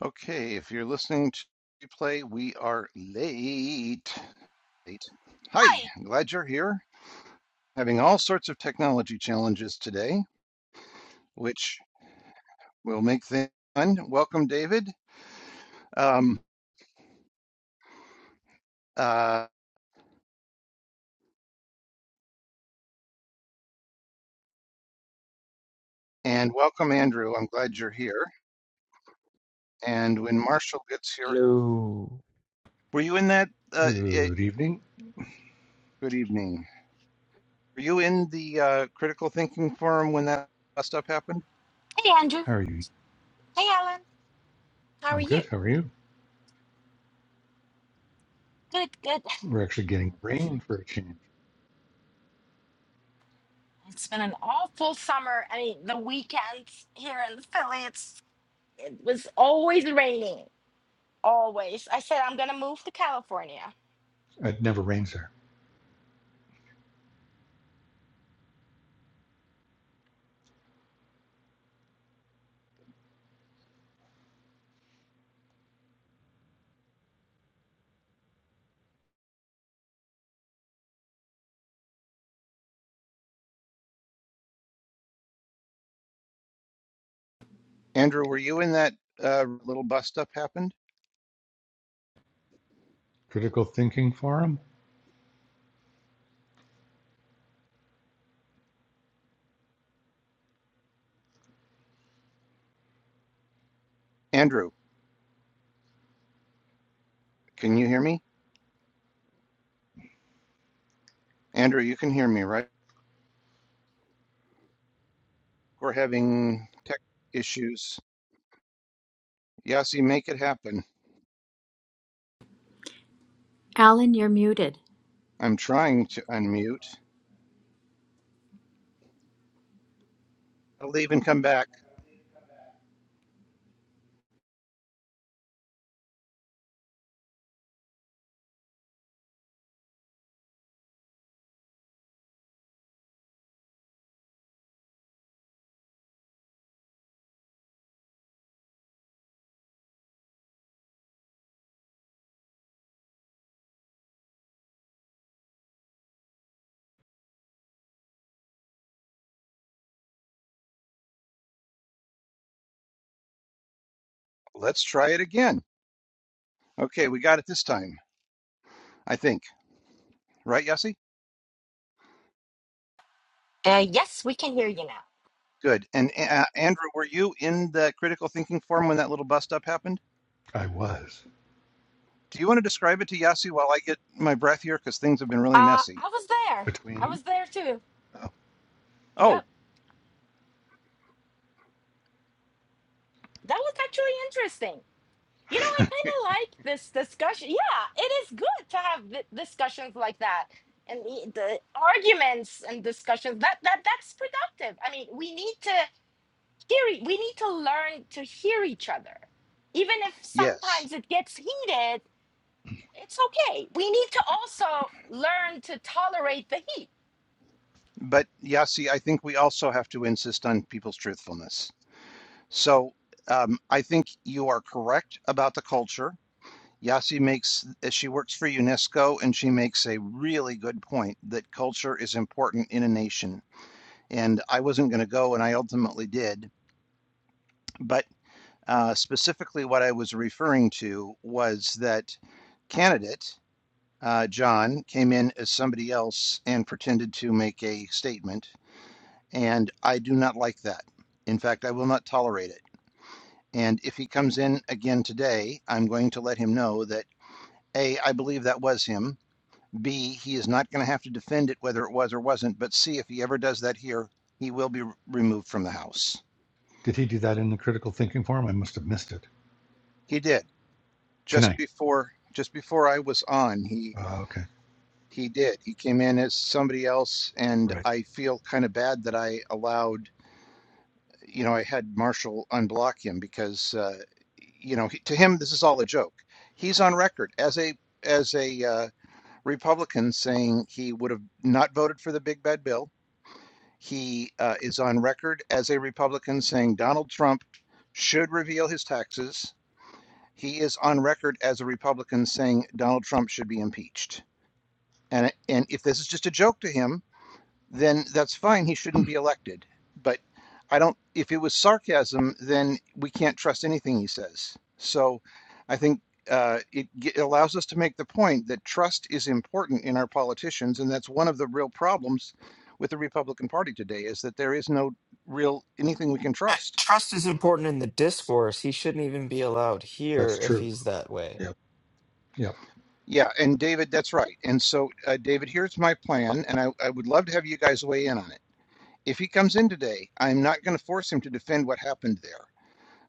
Okay, if you're listening to replay, we are late. Late. Hi, Hi. I'm glad you're here. Having all sorts of technology challenges today, which will make things fun. Welcome, David. Um, uh, and welcome, Andrew. I'm glad you're here. And when Marshall gets here, Hello. were you in that? Uh, it, Good evening. good evening. Were you in the uh, critical thinking forum when that bust up happened? Hey, Andrew. How are you? Hey, Alan. How are I'm you? good. How are you? Good, good. We're actually getting rain for a change. It's been an awful summer. I mean, the weekends here in Philly, it's it was always raining. Always. I said I'm gonna move to California. It never rains there. Andrew, were you in that uh, little bust up happened? Critical thinking forum? Andrew, can you hear me? Andrew, you can hear me, right? We're having tech issues. Yasi, make it happen. Alan, you're muted. I'm trying to unmute. I'll leave and come back. Let's try it again. Okay, we got it this time, I think. Right, Yasi? Uh, yes, we can hear you now. Good. And uh, Andrew, were you in the critical thinking forum when that little bust up happened? I was. Do you want to describe it to Yasi while I get my breath here? Because things have been really Uh, messy. I was there. I Between. was there too. Oh, Yep. That was actually interesting. You know, I Oh, kind of like this discussion. Yeah, it is good to have th- discussions like that and the, the arguments and discussions that that that's productive. I mean, we need to hear e- we need to learn to hear each other. Even if yes. sometimes it gets heated, it's okay. We need to also learn to tolerate the heat. But Yasi, I think we also have to insist on people's truthfulness. So um, I think you are correct about the culture. Yasi makes, eh, she works for UNESCO and she makes a really good point that culture is important in a nation. And I wasn't going to go and I ultimately did. But uh, specifically, what I was referring to was that candidate, uh, John, came in as somebody else and pretended to make a statement. And I do not like that. In fact, I will not tolerate it. And if he comes in again today, I'm going to let him know that A, I believe that was him. B, he is not going to have to defend it whether it was or wasn't. But C, if he ever does that here, he will be removed from the house. did he do that in the critical thinking forum? I must have missed it. He did just Tonight. before just before I was on. He Oh, okay. he did. He came in as somebody else, and Right. I feel kind of bad that I allowed. You know, I had Marshall unblock him because uh, you know he, to him this is all a joke. He's on record as a as a uh, Republicans saying he would have not voted for the big bad bill. He uh, is on record as a Republican saying Donald Trump should reveal his taxes. He is on record as a Republican saying Donald Trump should be impeached. And and if this is just a joke to him, then that's fine. He shouldn't be elected. But I don't, if it was sarcasm, then we can't trust anything he says. So I think uh, it, g- it allows us to make the point that trust is important in our politicians. And that's one of the real problems with the Republican Party today is that there is no real anything we can Uh, trust. Trust is important in the discourse. He shouldn't even be allowed here That's if true. he's that way. Yep. Yep. Yeah. And David, that's right. And so, uh, David, here's my plan. And I, I would love to have you guys weigh in on it. If he comes in today, I'm not going to force him to defend what happened there.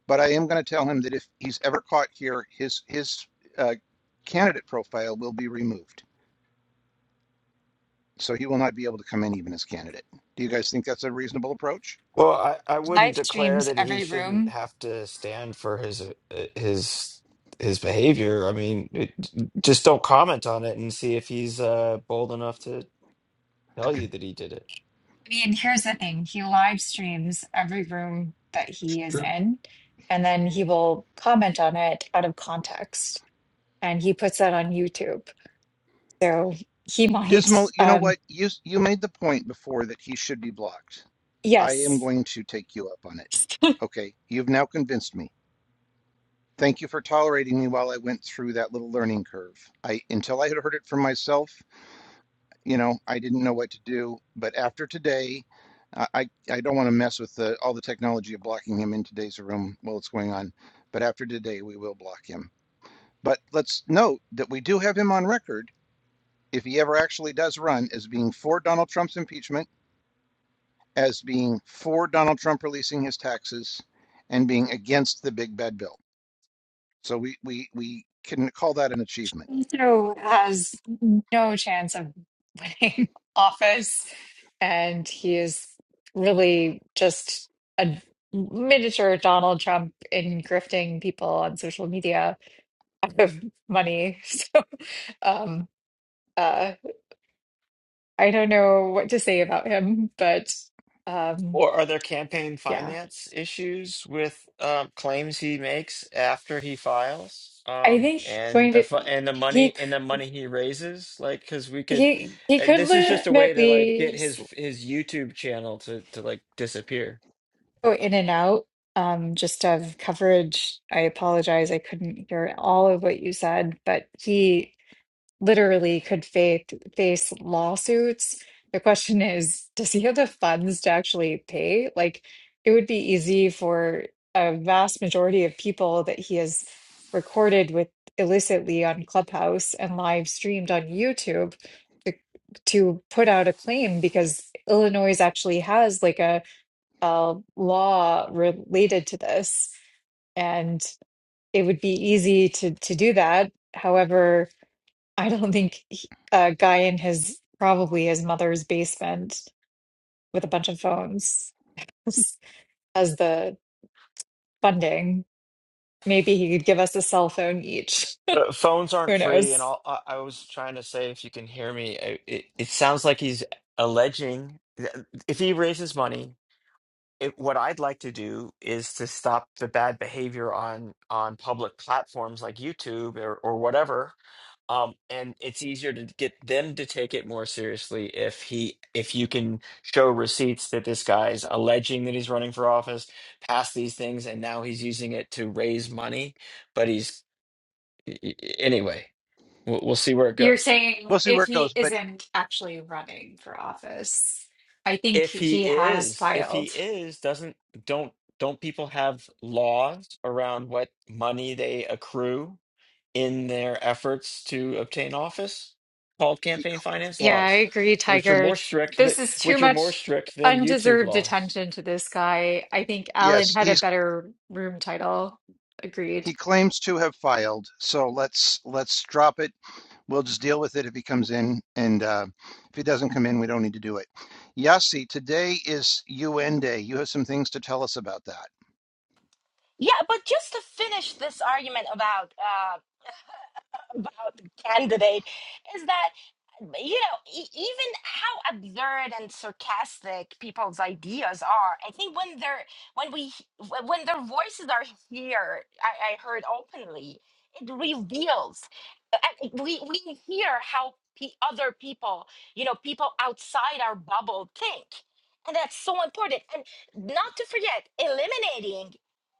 But I am going to tell him that if he's ever caught here, his his uh, candidate profile will be removed, so he will not be able to come in even as candidate. Do you guys think that's a reasonable approach? Well, I, I wouldn't live declare streams that he every shouldn't room. have to stand for his uh, his his behavior. I mean, it, just don't comment on it and see if he's uh, bold enough to tell you that he did it. I mean, here's the thing he live streams every room that It's he is true. in, and then he will comment on it out of context. And he puts that on YouTube. So he might, Dismal, you know um, what? You you made the point before that he should be blocked. I am yes, going to take you up on it. Okay, you've now convinced me. Thank you for tolerating me while I went through that little learning curve. I until I had heard it for myself, you know, I didn't know what to do. But after today, I I I don't want to mess with the, all the technology of blocking him in today's room while it's going on. But after today, we will block him. But let's note that we do have him on record if he ever actually does run as being for Donald Trump's impeachment, as being for Donald Trump releasing his taxes, and being against the big bad bill. So we we we can call that an achievement. so has no chance of winning office. And he is really just a miniature Donald Trump in grifting people on social media out of money. So, um, uh, I don't know what to say about him, but um, Or are there campaign yeah, finance issues with um, claims he makes after he files, I um, think and going the to fu- and the money he and the money he raises? Like, because we could, he he uh, could this is just a way to like get legitimately his his YouTube channel to to like disappear. go in and out um, just of coverage. I apologize, I couldn't hear all of what you said, but he. literally could fa- face lawsuits. The question is, does he have the funds to actually pay? Like, it would be easy for a vast majority of people that he has recorded with illicitly on Clubhouse and live streamed on YouTube to, to put out a claim because Illinois actually has like a, a law related to this and it would be easy to to do that. However, I don't think he- a guy in his probably his mother's basement with a bunch of phones as the funding. Maybe he could give us a cell phone each. Uh, phones aren't Who free, and knows? all I, I was trying to say, if you can hear me, I- it, it sounds like he's alleging that if he raises money. it, what I'd like to do is to stop the bad behavior on on public platforms like YouTube or, or whatever. Um, and it's easier to get them to take it more seriously if he if you can show receipts that this guy's alleging that he's running for office, passed these things, and now he's using it to raise money. But he's y- y- anyway. We'll, we'll see where it You're goes. saying We'll see if where it he goes. But isn't actually running for office, I think if he he has is if he filed. is doesn't don't don't people have laws around what money they accrue in their efforts to obtain office called he, campaign finance Yeah, I laws agree, which are he Tiger. more strict th- This is too which are more much strict than youtube undeserved laws attention to this guy. I think Alan yes, had a he's better room title. Agreed. He claims to have filed, so let's let's drop it. We'll just deal with it if he comes in, and uh, if he doesn't come in, we don't need to do it. Yasi, today is UN Day. You have some things to tell us about that. Yeah, but just to finish this argument about uh, about the candidate is that you know e- even how absurd and sarcastic people's ideas are i think when they're when we wh- when their voices are here i, I heard openly it reveals I- I- we we hear how pe other people you know people outside our bubble think and that's so important and not to forget eliminating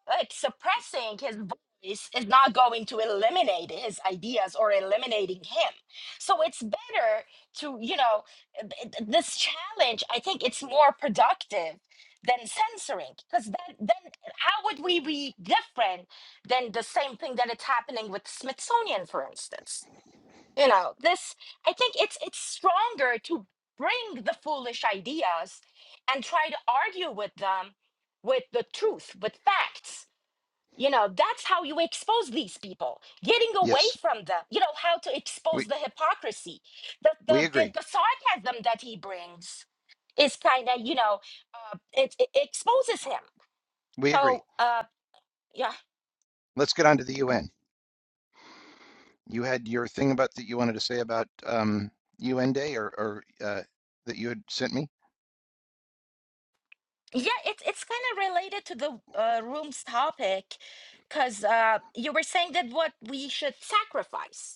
like suppressing his is, is not going to eliminate his ideas or eliminating him. So it's better to, you know, th- th- this challenge, I think it's more productive than censoring because then, then how would we be different than the same thing that it's happening with Smithsonian, for instance? You know, this, I think it's it's stronger to bring the foolish ideas and try to argue with them with the truth, with facts you know that's how you expose these people getting away Yes, from them you know how to we expose the hypocrisy the the we the, agree. the sarcasm that he brings is kind of you know uh, it, it exposes him We agree. so uh yeah Let's get on to the UN. You had your thing about that you wanted to say about um, UN Day, or, or uh, that you had sent me. yeah it's it's kind of related to the uh, room's topic because uh you were saying that what we should sacrifice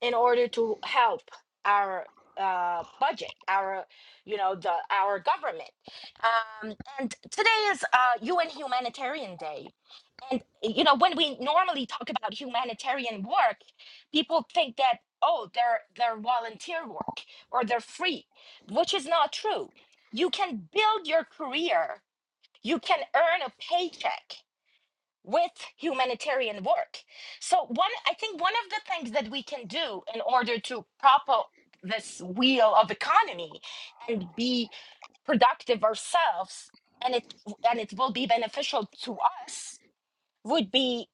in order to help our uh, budget, our you know the our government. Um, and today is uh, UN Humanitarian Day, and you know when we normally talk about humanitarian work, people think that oh they're they're volunteer work or they're free, which is not true. You can build your career. You can earn a paycheck with humanitarian work. So one I think one of the things that we can do in order to prop up this wheel of economy and be productive ourselves and it and it will be beneficial to us would be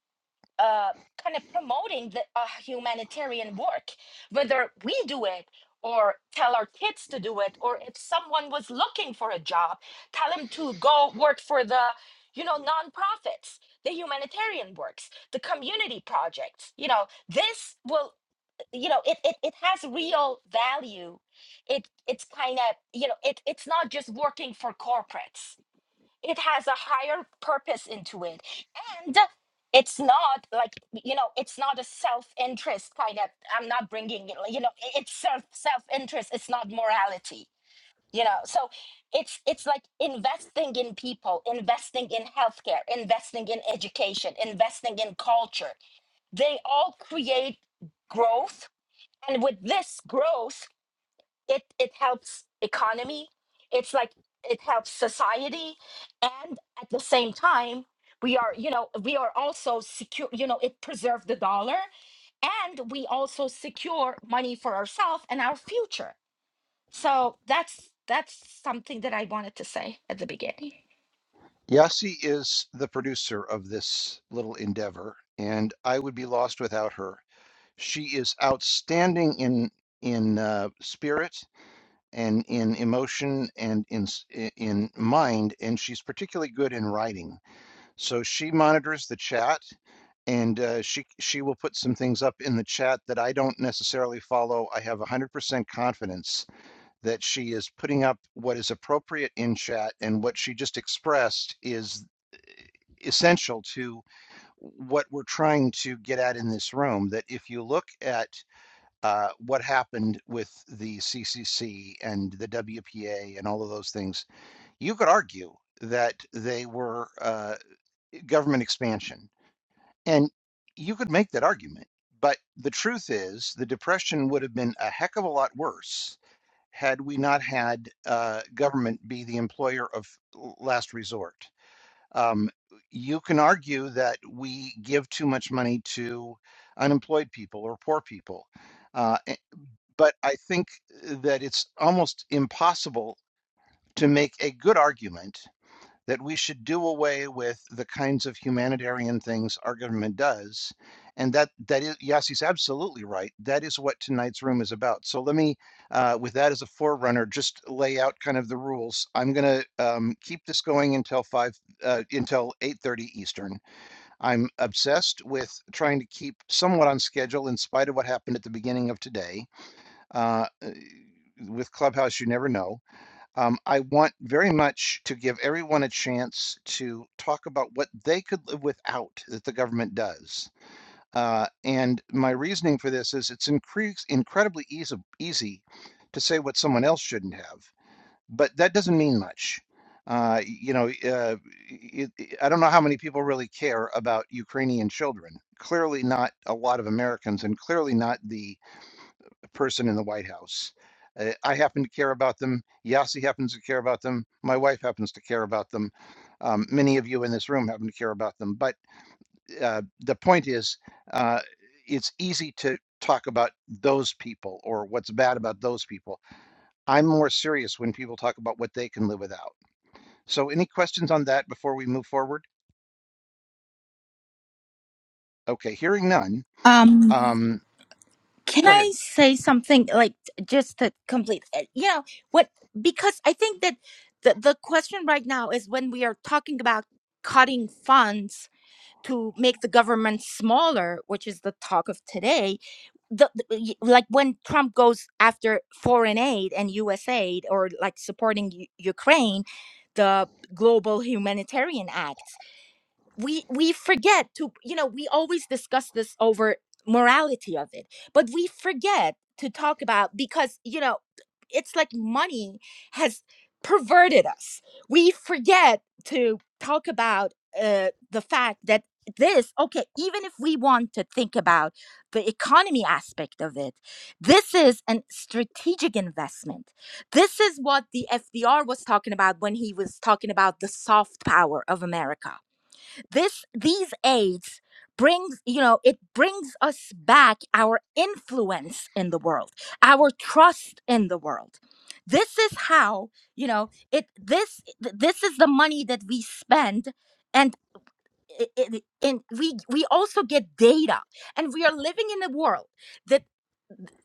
uh, kind of promoting the uh, humanitarian work, whether we do it or tell our kids to do it, or if someone was looking for a job, tell them to go work for the, you know, nonprofits, the humanitarian works, the community projects. You know, this will, you know, it it, it has real value. It it's kind of, you know, it it's not just working for corporates it has a higher purpose into it and it's not like you know it's not a self-interest kind of i'm not bringing it like, you know i- it's self self-interest it's not morality you know so it's it's like investing in people investing in healthcare investing in education investing in culture they all create growth and with this growth it it helps economy it's like it helps society and at the same time we are you know we are also secure you know it preserves the dollar and we also secure money for ourselves and our future so that's that's something that i wanted to say at the beginning Yasi is the producer of this little endeavor, and I would be lost without her. She is outstanding in in uh, spirit and in emotion and in in mind, and she's particularly good in writing. So she monitors the chat, and uh, she she will put some things up in the chat that I don't necessarily follow. I have 100% confidence that she is putting up what is appropriate in chat, and what she just expressed is essential to what we're trying to get at in this room. That if you look at uh, what happened with the CCC and the WPA and all of those things, you could argue that they were uh, government expansion. And you could make that argument. But the truth is, the Depression would have been a heck of a lot worse had we not had uh, government be the employer of last resort. Um, you can argue that we give too much money to unemployed people or poor people Uh, but I think that it's almost impossible to make a good argument that we should do away with the kinds of humanitarian things our government does. And that, that is, yes, he's absolutely right. That is what tonight's room is about. So let me, uh, with that as a forerunner, just lay out kind of the rules. I'm going to um, keep this going until five, uh, until 8:30 Eastern. I'm obsessed with trying to keep somewhat on schedule in spite of what happened at the beginning of today uh, uh, with Clubhouse, you never know. Um, I want very much to give everyone a chance to talk about what they could live without that the government does. Uh, and my reasoning for this is it's increase, incredibly easy, easy to say what someone else shouldn't have, but that doesn't mean much. Uh, you know, uh, it, it- I don't know how many people really care about Ukrainian children. Clearly, not a lot of Americans, and clearly not the person in the White House. Uh, I happen to care about them. Yasi happens to care about them. My wife happens to care about them. Um, many of you in this room happen to care about them. But uh, the point is, uh, it's easy to talk about those people or what's bad about those people. I'm more serious when people talk about what they can live without. So, any questions on that before we move forward? Okay, hearing none. Um, Um, Can go ahead. I say something like just to complete uh, you know what because I think that the, the question right now is when we are talking about cutting funds to make the government smaller which is the talk of today the, the- y- like when Trump goes after foreign aid and US aid or like supporting U- Ukraine the global humanitarian act we we forget to you know we always discuss this over morality of it but we forget to talk about because you know it's like money has perverted us we forget to talk about uh, the fact that this okay even if we want to think about the economy aspect of it this is an strategic investment this is what the fdr was talking about when he was talking about the soft power of america this these aids brings you know it brings us back our influence in the world our trust in the world this is how you know it this this is the money that we spend and i- i- and we we also get data and we are living in a world that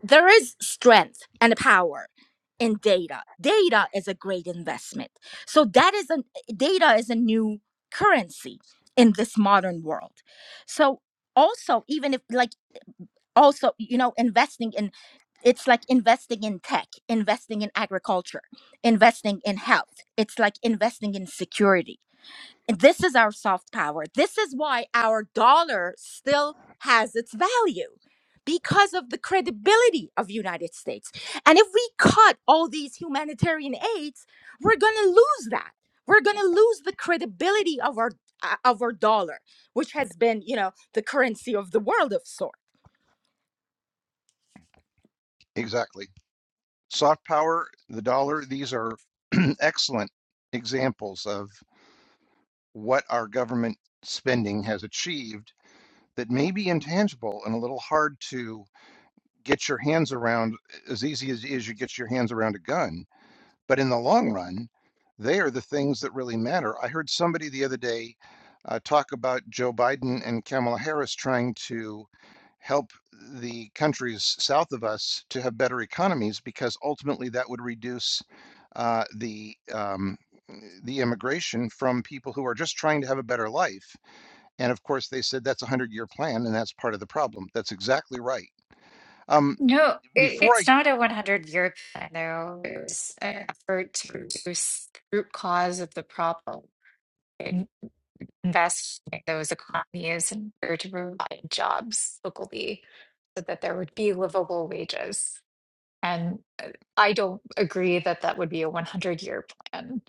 there is strength and power in data. Data is a great investment. So that is a data is a new currency in this modern world. So also even if like also you know investing in it's like investing in tech, investing in agriculture, investing in health. It's like investing in security and this is our soft power. This is why our dollar still has its value because of the credibility of United States. And if we cut all these humanitarian aids, we're going to lose that. We're going to lose the credibility of our uh, of our dollar, which has been, you know, the currency of the world of sort. Exactly. Soft power, the dollar, these are excellent examples of. what our government spending has achieved that may be intangible and a little hard to get your hands around as easy as, as you get your hands around a gun. But in the long run, they are the things that really matter. I heard somebody the other day uh, talk about Joe Biden and Kamala Harris trying to help the countries south of us to have better economies because ultimately that would reduce uh, the um, the immigration from people who are just trying to have a better life and of course, they said that's a 100 year plan, and that's part of the problem. That's exactly right. Um, No, it, before I, it's not a 100 year plan, though. It's an effort to reduce the root cause of the problem. in- Invest in those economies in order to provide jobs locally so that there would be livable wages. And uh, I don't agree that that would be a 100 year plan.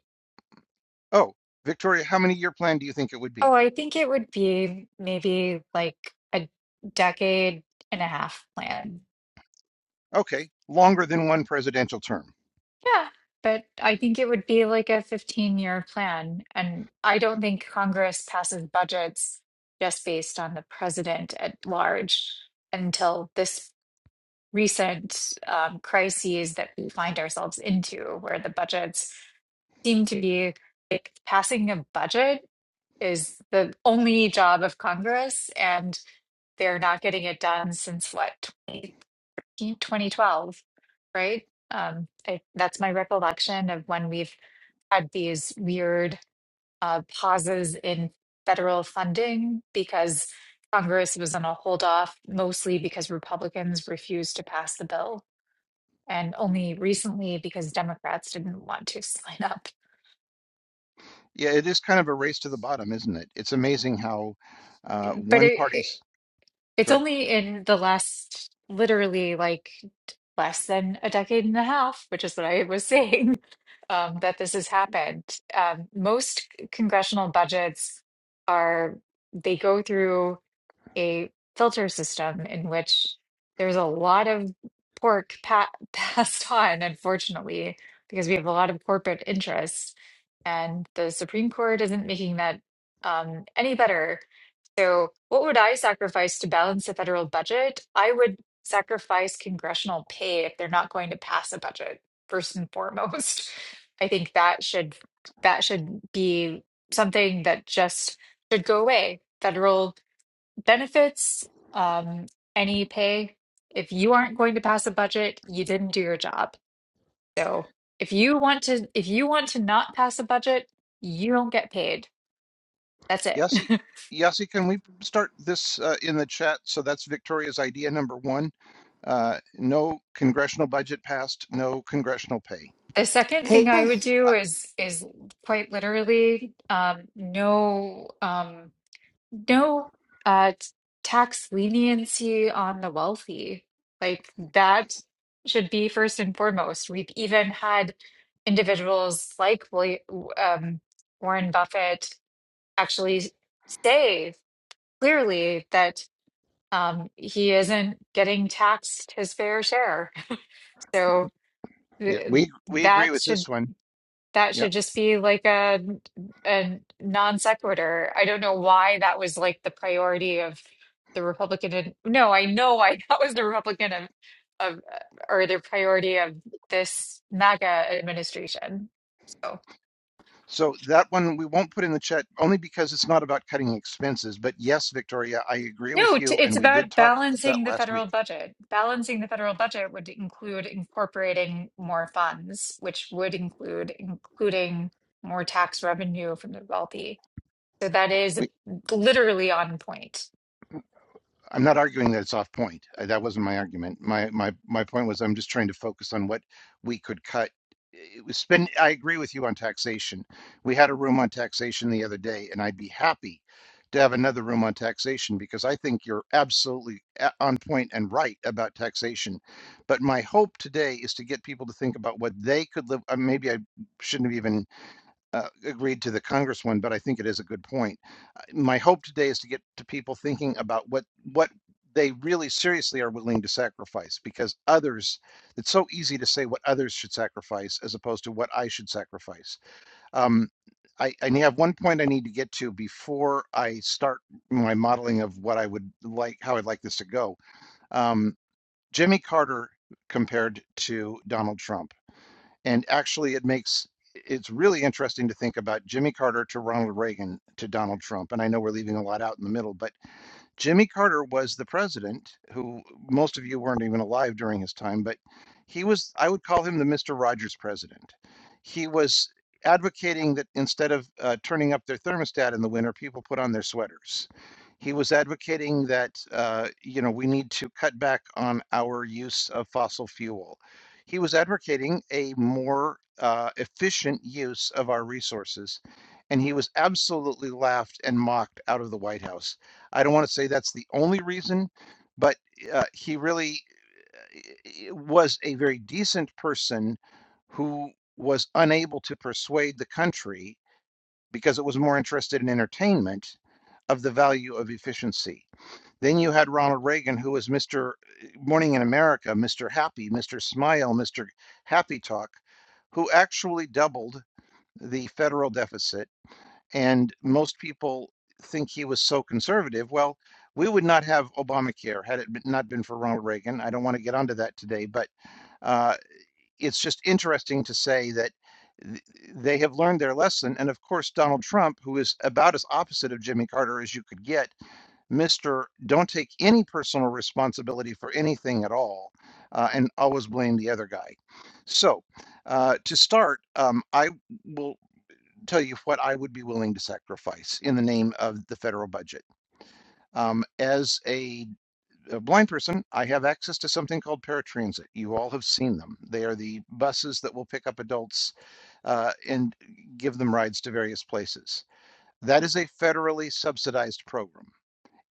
oh, Victoria, how many year plan do you think it would be? Oh, I think it would be maybe like a decade and a half plan. Okay, longer than one presidential term. Yeah, but I think it would be like a 15 year plan. And I don't think Congress passes budgets just based on the president at large until this recent um, crises that we find ourselves into, where the budgets seem to be like passing a budget is the only job of Congress, and they're not getting it done since what, 2012, right? Um, I, that's my recollection of when we've had these weird uh, pauses in federal funding because Congress was on a hold off, mostly because Republicans refused to pass the bill, and only recently because Democrats didn't want to sign up. Yeah, it is kind of a race to the bottom, isn't it? It's amazing how uh, But one it, it party's. it's Go ahead. only in the last literally like less than a decade and a half, which is what I was saying, um, that this has happened. Um, most c- congressional budgets are they go through. a filter system in which there's a lot of pork pa- passed on, unfortunately, because we have a lot of corporate interests, and the Supreme Court isn't making that um, any better. So, what would I sacrifice to balance the federal budget? I would sacrifice congressional pay if they're not going to pass a budget, first and foremost. I think that should that should be something that just should go away. Federal benefits, um, any pay. If you aren't going to pass a budget, you didn't do your job. So if you want to, if you want to not pass a budget, you don't get paid. That's it. Yasi, Yasi, can we start this uh, in the chat? So that's Victoria's idea number one. Uh, no congressional budget passed, no congressional pay. The second Hey thing I would guys, Uh, do is is quite literally um, no. Um, no uh, t- tax leniency on the wealthy. Like that should be first and foremost. We've even had individuals like William, um, Warren Buffett actually say clearly that um, he isn't getting taxed his fair share. So yeah, th- we we agree that with should this one. that Yeah. should just be like a a non sequitur. I don't know why that was like the priority of the Republican. ad- no, I know why that was the Republican of of or the priority of this MAGA administration. So So that one we won't put in the chat only because it's not about cutting expenses. But yes, Victoria, I agree with no, t you. it's And we did about talk about that balancing the last federal week. budget. Balancing the federal budget would include incorporating more funds, which would include including more tax revenue from the wealthy. So that is We literally on point. I'm not arguing that it's off point. Uh, That wasn't my argument. My my my point was I'm just trying to focus on what we could cut. It was spend. I agree with you on taxation. We had a room on taxation the other day, and I'd be happy to have another room on taxation because I think you're absolutely a- on point and right about taxation. But my hope today is to get people to think about what they could live. Uh, maybe I shouldn't have even uh, agreed to the Congress one, but I think it is a good point. Uh, My hope today is to get to people thinking about what what they really seriously are willing to sacrifice because others it's so easy to say what others should sacrifice as opposed to what I should sacrifice. Um, I, I have one point I need to get to before I start my modeling of what I would like, how I'd like this to go. Um, Jimmy Carter compared to Donald Trump. And actually, it makes it's really interesting to think about Jimmy Carter to Ronald Reagan to Donald Trump. And I know we're leaving a lot out in the middle, but Jimmy Carter was the president, who most of you weren't even alive during his time, but he was, I would call him the Mr. Rogers president. He was advocating that instead of uh, turning up their thermostat in the winter, people put on their sweaters. He was advocating that, uh, you know, we need to cut back on our use of fossil fuel. He was advocating a more uh, efficient use of our resources, and he was absolutely laughed and mocked out of the White House I don't want to say that's the only reason, but uh, he really eh, was a very decent person who was unable to persuade the country because it was more interested in entertainment of the value of efficiency. Then you had Ronald Reagan, who was Mr. Morning in America, Mr. Happy, Mr. Smile, Mr. Happy Talk, who actually doubled the federal deficit and most people think he was so conservative. Well, we would not have Obamacare had it not been for Ronald Reagan. I don't want to get onto that today, but uh, it's just interesting to say that th- they have learned their lesson. And of course, Donald Trump, who is about as opposite of Jimmy Carter as you could get, Mr. Don't take any personal responsibility for anything at all uh, and always blame the other guy. So, uh, to start, um, I will tell you what I would be willing to sacrifice in the name of the federal budget. Um, as a, a blind person, I have access to something called paratransit. You all have seen them. They are the buses that will pick up adults uh, and give them rides to various places. That is a federally subsidized program.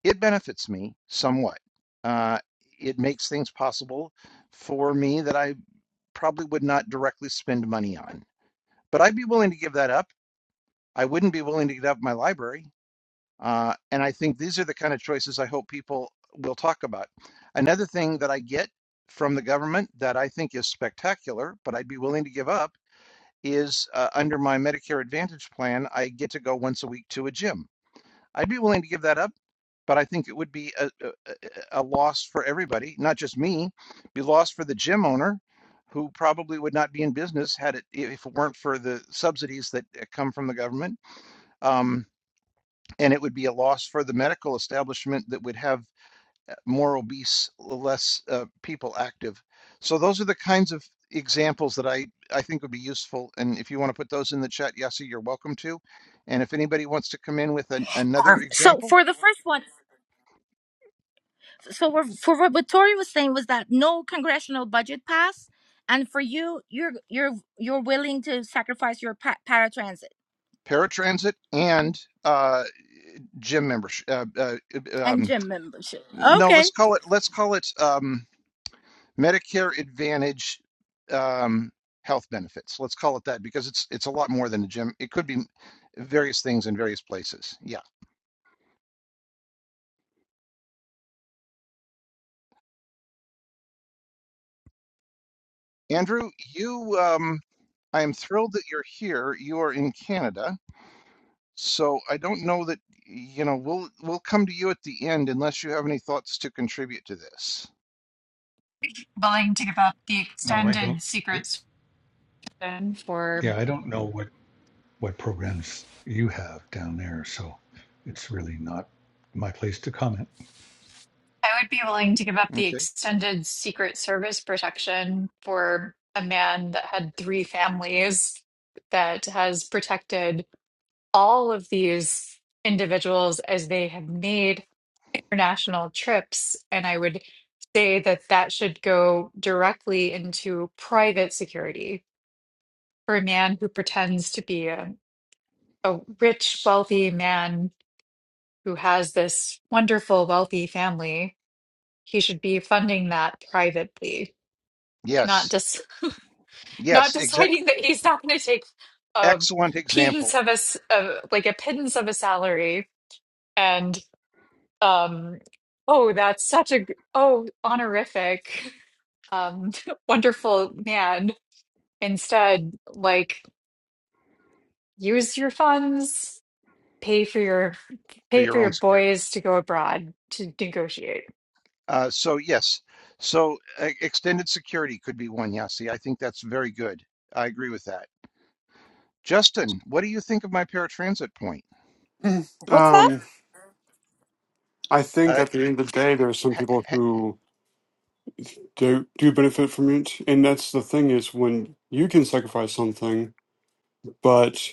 It benefits me somewhat. Uh, it makes things possible for me that I probably would not directly spend money on. But I'd be willing to give that up. I wouldn't be willing to give up my library. Uh, and I think these are the kind of choices I hope people will talk about. Another thing that I get from the government that I think is spectacular, but I'd be willing to give up, is uh, under my Medicare Advantage plan, I get to go once a week to a gym. I'd be willing to give that up, but I think it would be a, a, a a loss for everybody, not just me, be loss for the gym owner. Who probably would not be in business had it if it weren't for the subsidies that uh, come from the government. Um, and it would be a loss for the medical establishment that would have uh, more obese, less uh, people active. So those are the kinds of examples that I, I think would be useful. And if you want to put those in the chat, Yasi, you're welcome to. And if anybody wants to come in with an, another Um, so example, for the first one, so we're, for what what Tori was saying was that no congressional budget pass, and for you, you're you're you're willing to sacrifice your pa- paratransit paratransit and uh, gym membership, uh, uh, and um, gym membership. No, let's Okay, call it let's call it um, Medicare Advantage um, health benefits. Let's call it that because it's it's a lot more than a gym. It could be various things in various places. Yeah. Andrew, you um, I am thrilled that you're here. You are in Canada. So I don't know that you know we'll we'll come to you at the end unless you have any thoughts to contribute to this. willing to give up the No, I don't. extended secret protection for Yeah, I don't know what, what programs you have down there, so it's really not my place to comment. I would be willing to give up the Okay. extended secret service protection for a man that had three families that has protected all of these individuals as they have made international trips and I would say that that should go directly into private security for a man who pretends to be a, a rich wealthy man who has this wonderful, wealthy family, he should be funding that privately, not Yes. just not Yes. Exact. deciding that he's not going to take a Excellent pittance example of a s- of- like a pittance of a salary and um oh that's such a g- oh honorific um wonderful man instead like use your funds pay for your for pay for your own your security. boys to go abroad to negotiate Uh, so yes. So uh, extended security could be one. Yasi. I think that's very good. I agree with that. Justin, what do you think of my paratransit point? what's that? Um, I think Uh, at the end of the he- day, there are some people who do do benefit from it, and that's the thing is when you can sacrifice something, but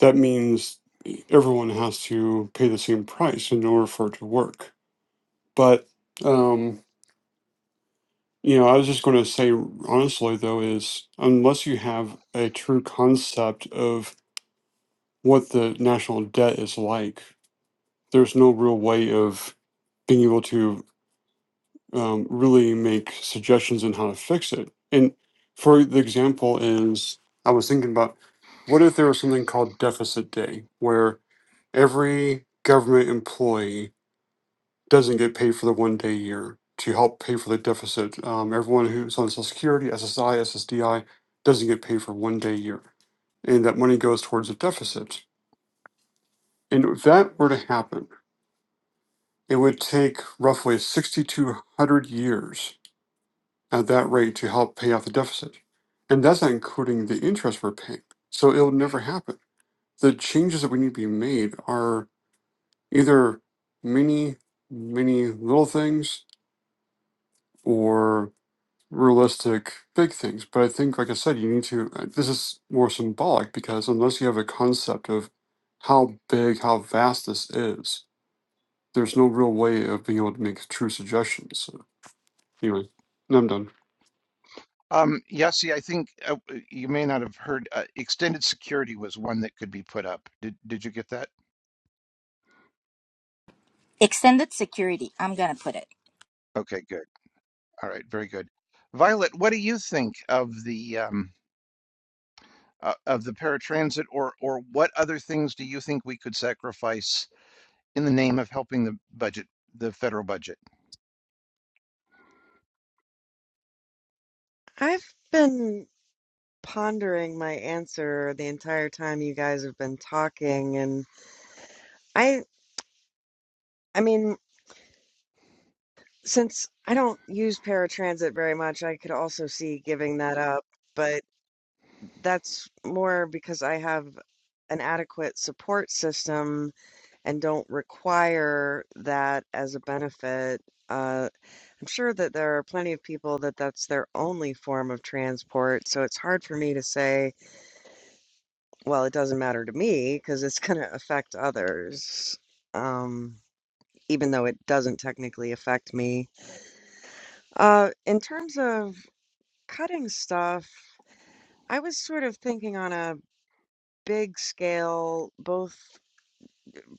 that means everyone has to pay the same price in order for it to work. But um, you know, I was just going to say honestly though is unless you have a true concept of what the national debt is like, there's no real way of being able to um, really make suggestions on how to fix it. And for the example is, I was thinking about what if there was something called deficit day, where every government employee doesn't get paid for the one day a year to help pay for the deficit. Um, everyone who's on Social Security, SSI, SSDI doesn't get paid for one day a year, and that money goes towards a deficit. And if that were to happen, it would take roughly 6,200 years at that rate to help pay off the deficit. And that's not including the interest we're paying. So it'll never happen. The changes that we need to be made are either many, many little things or realistic big things. But I think, like I said, you need to, uh, this is more symbolic because unless you have a concept of how big, how vast this is, there's no real way of being able to make true suggestions. So, anyway, I'm done. um, Yasi, I think uh, uh, you may not have heard. Uh, extended security was one that could be put up. Did Did you get that? Extended security. I'm gonna put it. Okay. Good. All right. Very good. Violet, what do you think of the um, uh, of the paratransit, or or what other things do you think we could sacrifice in the name of helping the budget, the federal budget? I've been pondering my answer the entire time you guys have been talking, and I I mean, since I don't use paratransit very much, I could also see giving that up, but that's more because I have an adequate support system and don't require that as a benefit. Uh, I'm sure that there are plenty of people that that's their only form of transport, so it's hard for me to say Well, it doesn't matter to me because it's going to affect others, um, even though it doesn't technically affect me. Uh, in terms of cutting stuff, I was sort of thinking on a big scale, both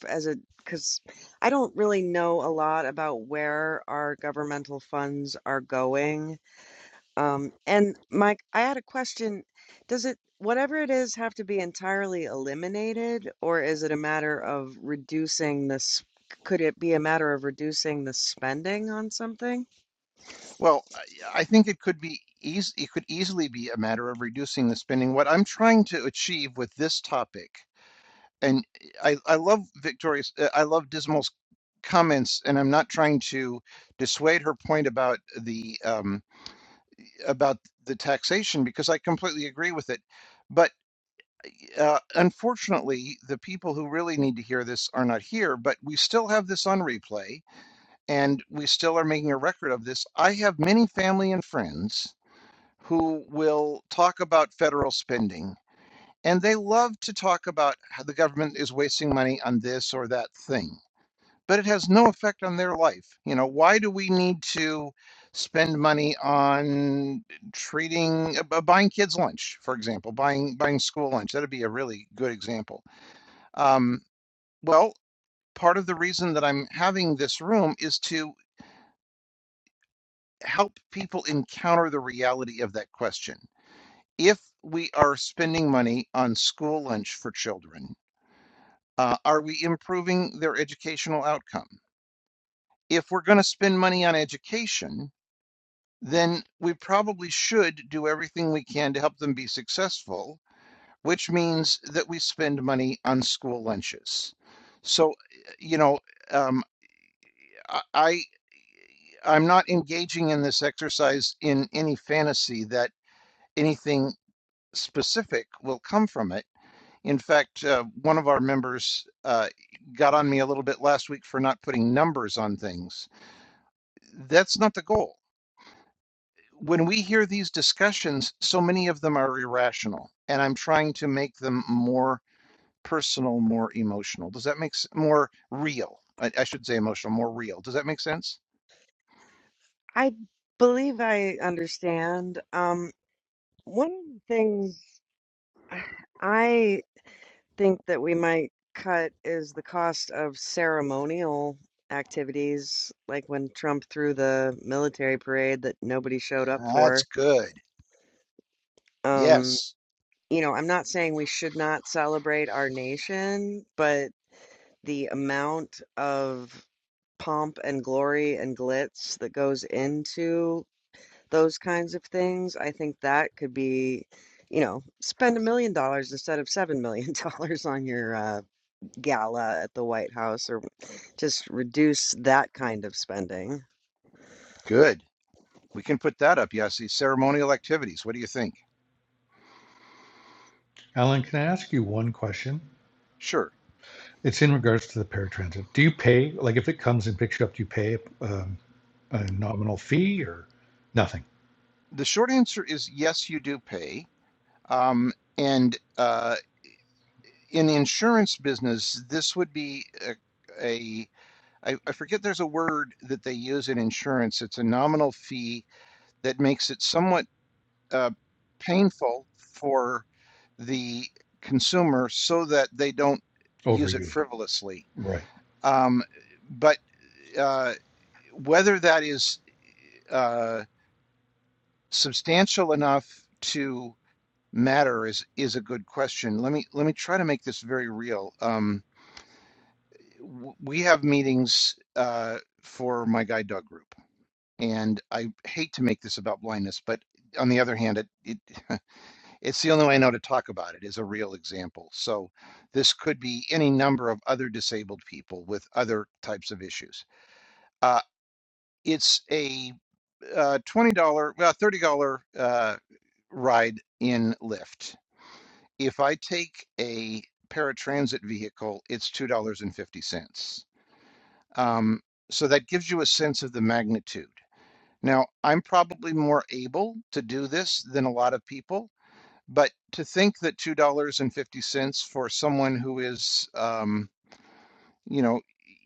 as a, because I don't really know a lot about where our governmental funds are going. Um, and Mike, I had a question. Does it, whatever it is, have to be entirely eliminated, or is it a matter of reducing this? Could it be a matter of reducing the spending on something? Well, I, I think it could be easy. it could easily be a matter of reducing the spending. What I'm trying to achieve with this topic, and I I love Victoria's, uh, I love Dismal's comments, and I'm not trying to dissuade her point about the um, about the taxation because I completely agree with it, but. uh, unfortunately, the people who really need to hear this are not here, but we still have this on replay and we still are making a record of this. I have many family and friends who will talk about federal spending and they love to talk about how the government is wasting money on this or that thing, but it has no effect on their life. You know, why do we need to spend money on treating uh, buying kids lunch, for example, buying buying school lunch? That'd be a really good example um, well, part of the reason that I'm having this room is to help people encounter the reality of that question. If we are spending money on school lunch for children, uh, are we improving their educational outcome? If we're going to spend money on education, then we probably should do everything we can to help them be successful, which means that we spend money on school lunches. So, you know, um, I I'm not engaging in this exercise in any fantasy that anything specific will come from it. In fact, uh, one of our members uh, got on me a little bit last week for not putting numbers on things. That's not the goal. When we hear these discussions, so many of them are irrational, and I'm trying to make them more personal, more emotional. Does that make s- more real? I, I should say emotional, more real. Does that make sense? I believe I understand. Um, one of the things I think that we might cut is the cost of ceremonial activities, like when Trump threw the military parade that nobody showed up That's for. good. Yes. you know, I'm not saying we should not celebrate our nation, but the amount of pomp and glory and glitz that goes into those kinds of things, I think that could be, you know, spend a million dollars instead of seven million dollars on your uh, gala at the White House, or just reduce that kind of spending. Good. We can put that up, Yasi. Ceremonial activities. What do you think? Alan, can I ask you one question? Sure. It's in regards to the paratransit. Do you pay, like if it comes and picks you up, do you pay um, a nominal fee or nothing? The short answer is yes, you do pay. Um, and uh, in the insurance business, this would be a, a I, I forget there's a word that they use in insurance. It's a nominal fee that makes it somewhat uh, painful for the consumer so that they don't use it Overuse it. frivolously. Right. Um, but uh, whether that is uh, substantial enough to matter is is a good question. Let me let me try to make this very real. Um, w- we have meetings uh, for my guide dog group, and I hate to make this about blindness, but on the other hand, it, it it's the only way I know to talk about it is a real example. So this could be any number of other disabled people with other types of issues. Uh, it's a uh, twenty dollar, well, thirty dollar uh, ride in Lyft If I take a paratransit vehicle, it's $2.50. Um, so that gives you a sense of the magnitude. Now, I'm probably more able to do this than a lot of people, but to think that $2.50 for someone who is, um, you know,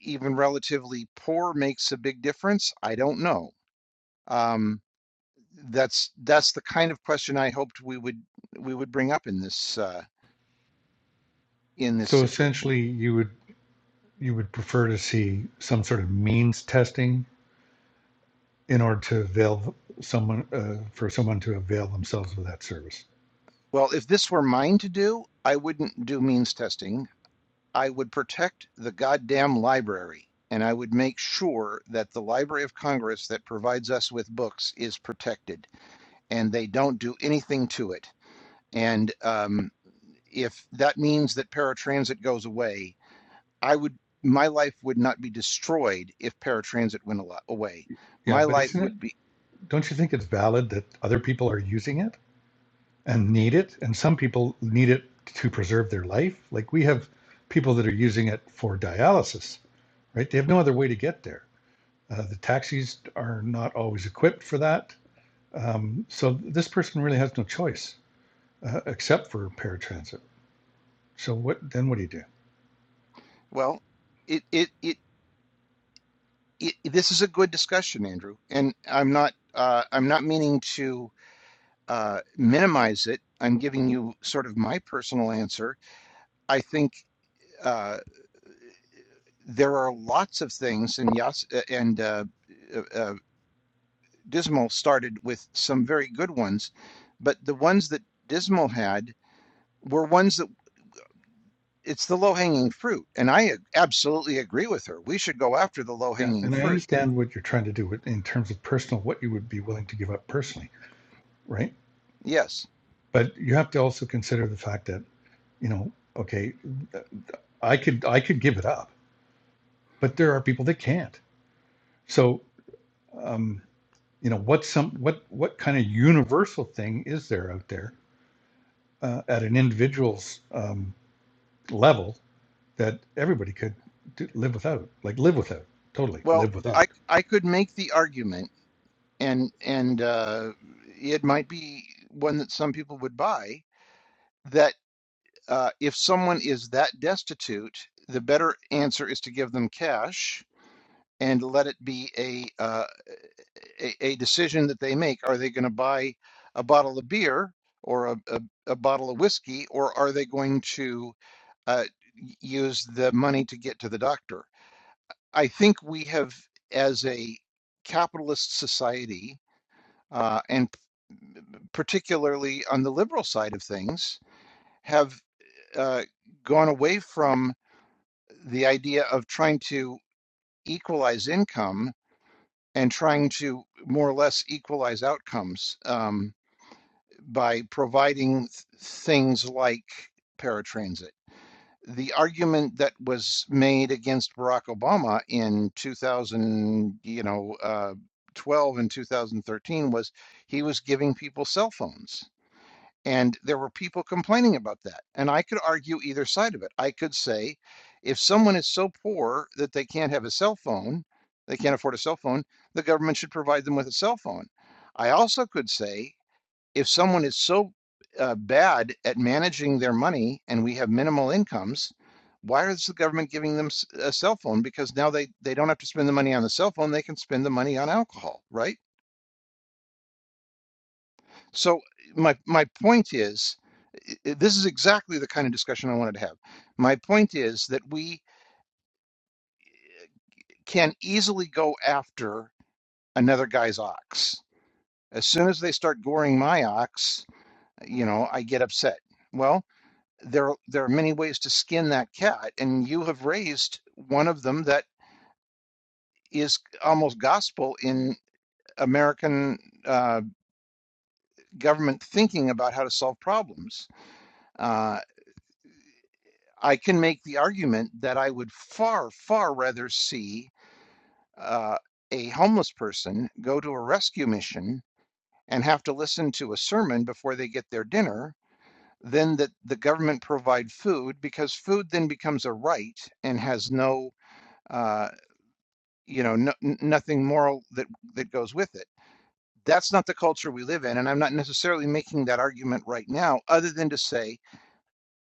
even relatively poor makes a big difference, I don't know. Um, that's that's the kind of question I hoped we would we would bring up in this uh, in this So situation. essentially, you would you would prefer to see some sort of means testing in order to avail someone uh, for someone to avail themselves of that service. Well, if this were mine to do, I wouldn't do means testing. I would protect the goddamn library, and I would make sure that the Library of Congress that provides us with books is protected, and they don't do anything to it. And um, if that means that paratransit goes away, I would my life would not be destroyed if paratransit went away. Yeah, My but life isn't it? would be Don't you think it's valid that other people are using it? and need it. And some people need it to preserve their life. Like we have people that are using it for dialysis, right? They have no other way to get there. Uh, the taxis are not always equipped for that. Um, so this person really has no choice uh, except for paratransit. So what then? What do you do? well. It it it it, this is a good discussion, Andrew, and I'm not uh, I'm not meaning to uh, minimize it. I'm giving you sort of my personal answer. I think uh, there are lots of things, and Yas uh, and uh, uh, uh, Dismal started with some very good ones, but the ones that Dismal had were ones that it's the low hanging fruit, and I ag- absolutely agree with her. We should go after the low Yeah, hanging and I fruit. understand what you're trying to do with, in terms of personal, what you would be willing to give up personally, right? Yes. But you have to also consider the fact that you know, okay, I could I could give it up, but there are people that can't So, um, you know, what some what what kind of universal thing is there out there uh, at an individual's um, level that everybody could do, live without? Like live without, totally Well, live without. I I could make the argument. and and uh, it might be one that some people would buy. That uh, if someone is that destitute, the better answer is to give them cash and let it be a uh, a, a decision that they make. Are they going to buy a bottle of beer or a, a, a bottle of whiskey, or are they going to uh, y- use the money to get to the doctor. I think we have, as a capitalist society, uh, and. particularly on the liberal side of things, have uh, gone away from the idea of trying to equalize income and trying to more or less equalize outcomes um, by providing th- things like paratransit. The argument that was made against Barack Obama in 2000, you know, uh, 12 and 2013 was he was giving people cell phones And there were people complaining about that. And I could argue either side of it. I could say, if someone is so poor that they can't have a cell phone, they can't afford a cell phone, the government should provide them with a cell phone. I also could say, if someone is so uh, bad at managing their money and we have minimal incomes, why is the government giving them a cell phone? Because now they, they don't have to spend the money on the cell phone, they can spend the money on alcohol, right? So my my point is, i- i- this is exactly the kind of discussion I wanted to have. My point is that we can easily go after another guy's ox. As soon as they start goring my ox, you know, I get upset. Well, there are- there are many ways to skin that cat, and you have raised one of them that is almost gospel in American uh, government thinking about how to solve problems. Uh, I can make the argument that I would far, far rather see uh, a homeless person go to a rescue mission and have to listen to a sermon before they get their dinner than that the government provide food because food then becomes a right and has no, uh, you know, no, nothing moral that that goes with it. That's not the culture we live in, and I'm not necessarily making that argument right now, other than to say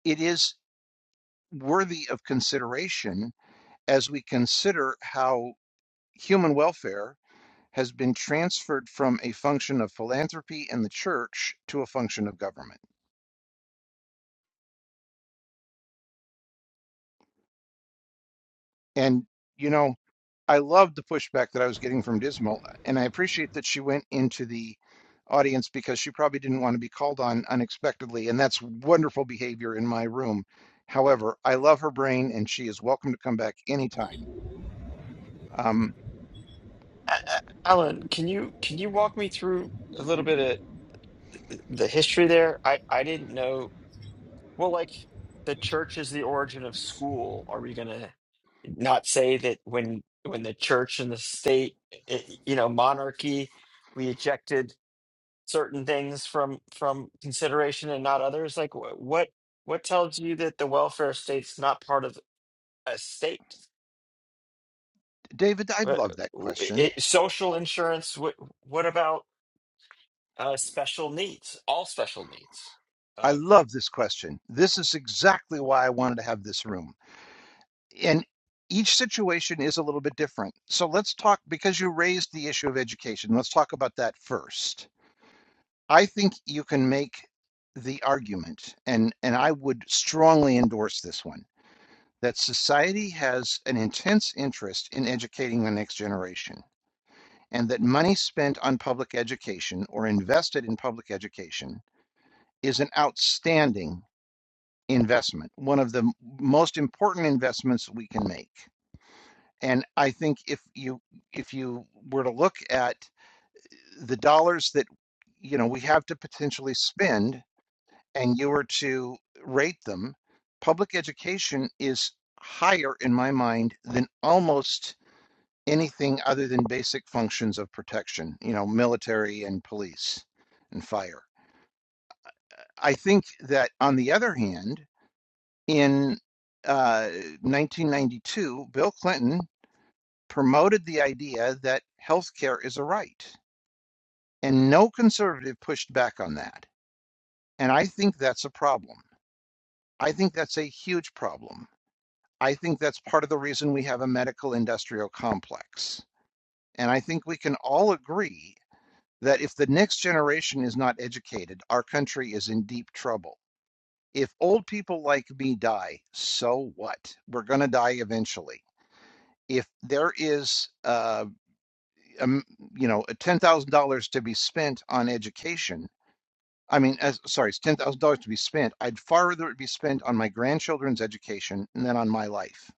it is worthy of consideration as we consider how human welfare has been transferred from a function of philanthropy and the church to a function of government. And, you know, I loved the pushback that I was getting from Dismal, and I appreciate that she went into the audience because she probably didn't want to be called on unexpectedly, and that's wonderful behavior in my room. However, I love her brain, and she is welcome to come back anytime. Um, A- A- alan can you can you walk me through a little bit of the history there i i didn't know well like the church is the origin of school are we gonna not say that when when the church and the state it, you know monarchy we ejected certain things from from consideration and not others like wh- what what tells you that the welfare state's not part of a state David, I would Wha- love that wh- question. it, social insurance what what about uh special needs all special needs I Uh, love this question. This is exactly why I wanted to have this room. and each situation is a little bit different. So let's talk, because you raised the issue of education, let's talk about that first. I think you can make the argument, and, and I would strongly endorse this one, that society has an intense interest in educating the next generation, and that money spent on public education or invested in public education is an outstanding investment, one of the most important investments we can make. And I think if you if you were to look at the dollars that you know we have to potentially spend and you were to rate them, public education is higher in my mind than almost anything other than basic functions of protection, you know, military and police and fire. I think that on the other hand, in uh, 1992, Bill Clinton promoted the idea that healthcare is a right. And no conservative pushed back on that. And I think that's a problem. I think that's a huge problem. I think that's part of the reason we have a medical industrial complex. And I think we can all agree that if the next generation is not educated, our country is in deep trouble. If old people like me die, so what? We're going to die eventually. If there is uh, um, you know, ten thousand dollars to be spent on education. I mean, as, sorry, it's ten thousand dollars to be spent. I'd far rather it be spent on my grandchildren's education than on my life.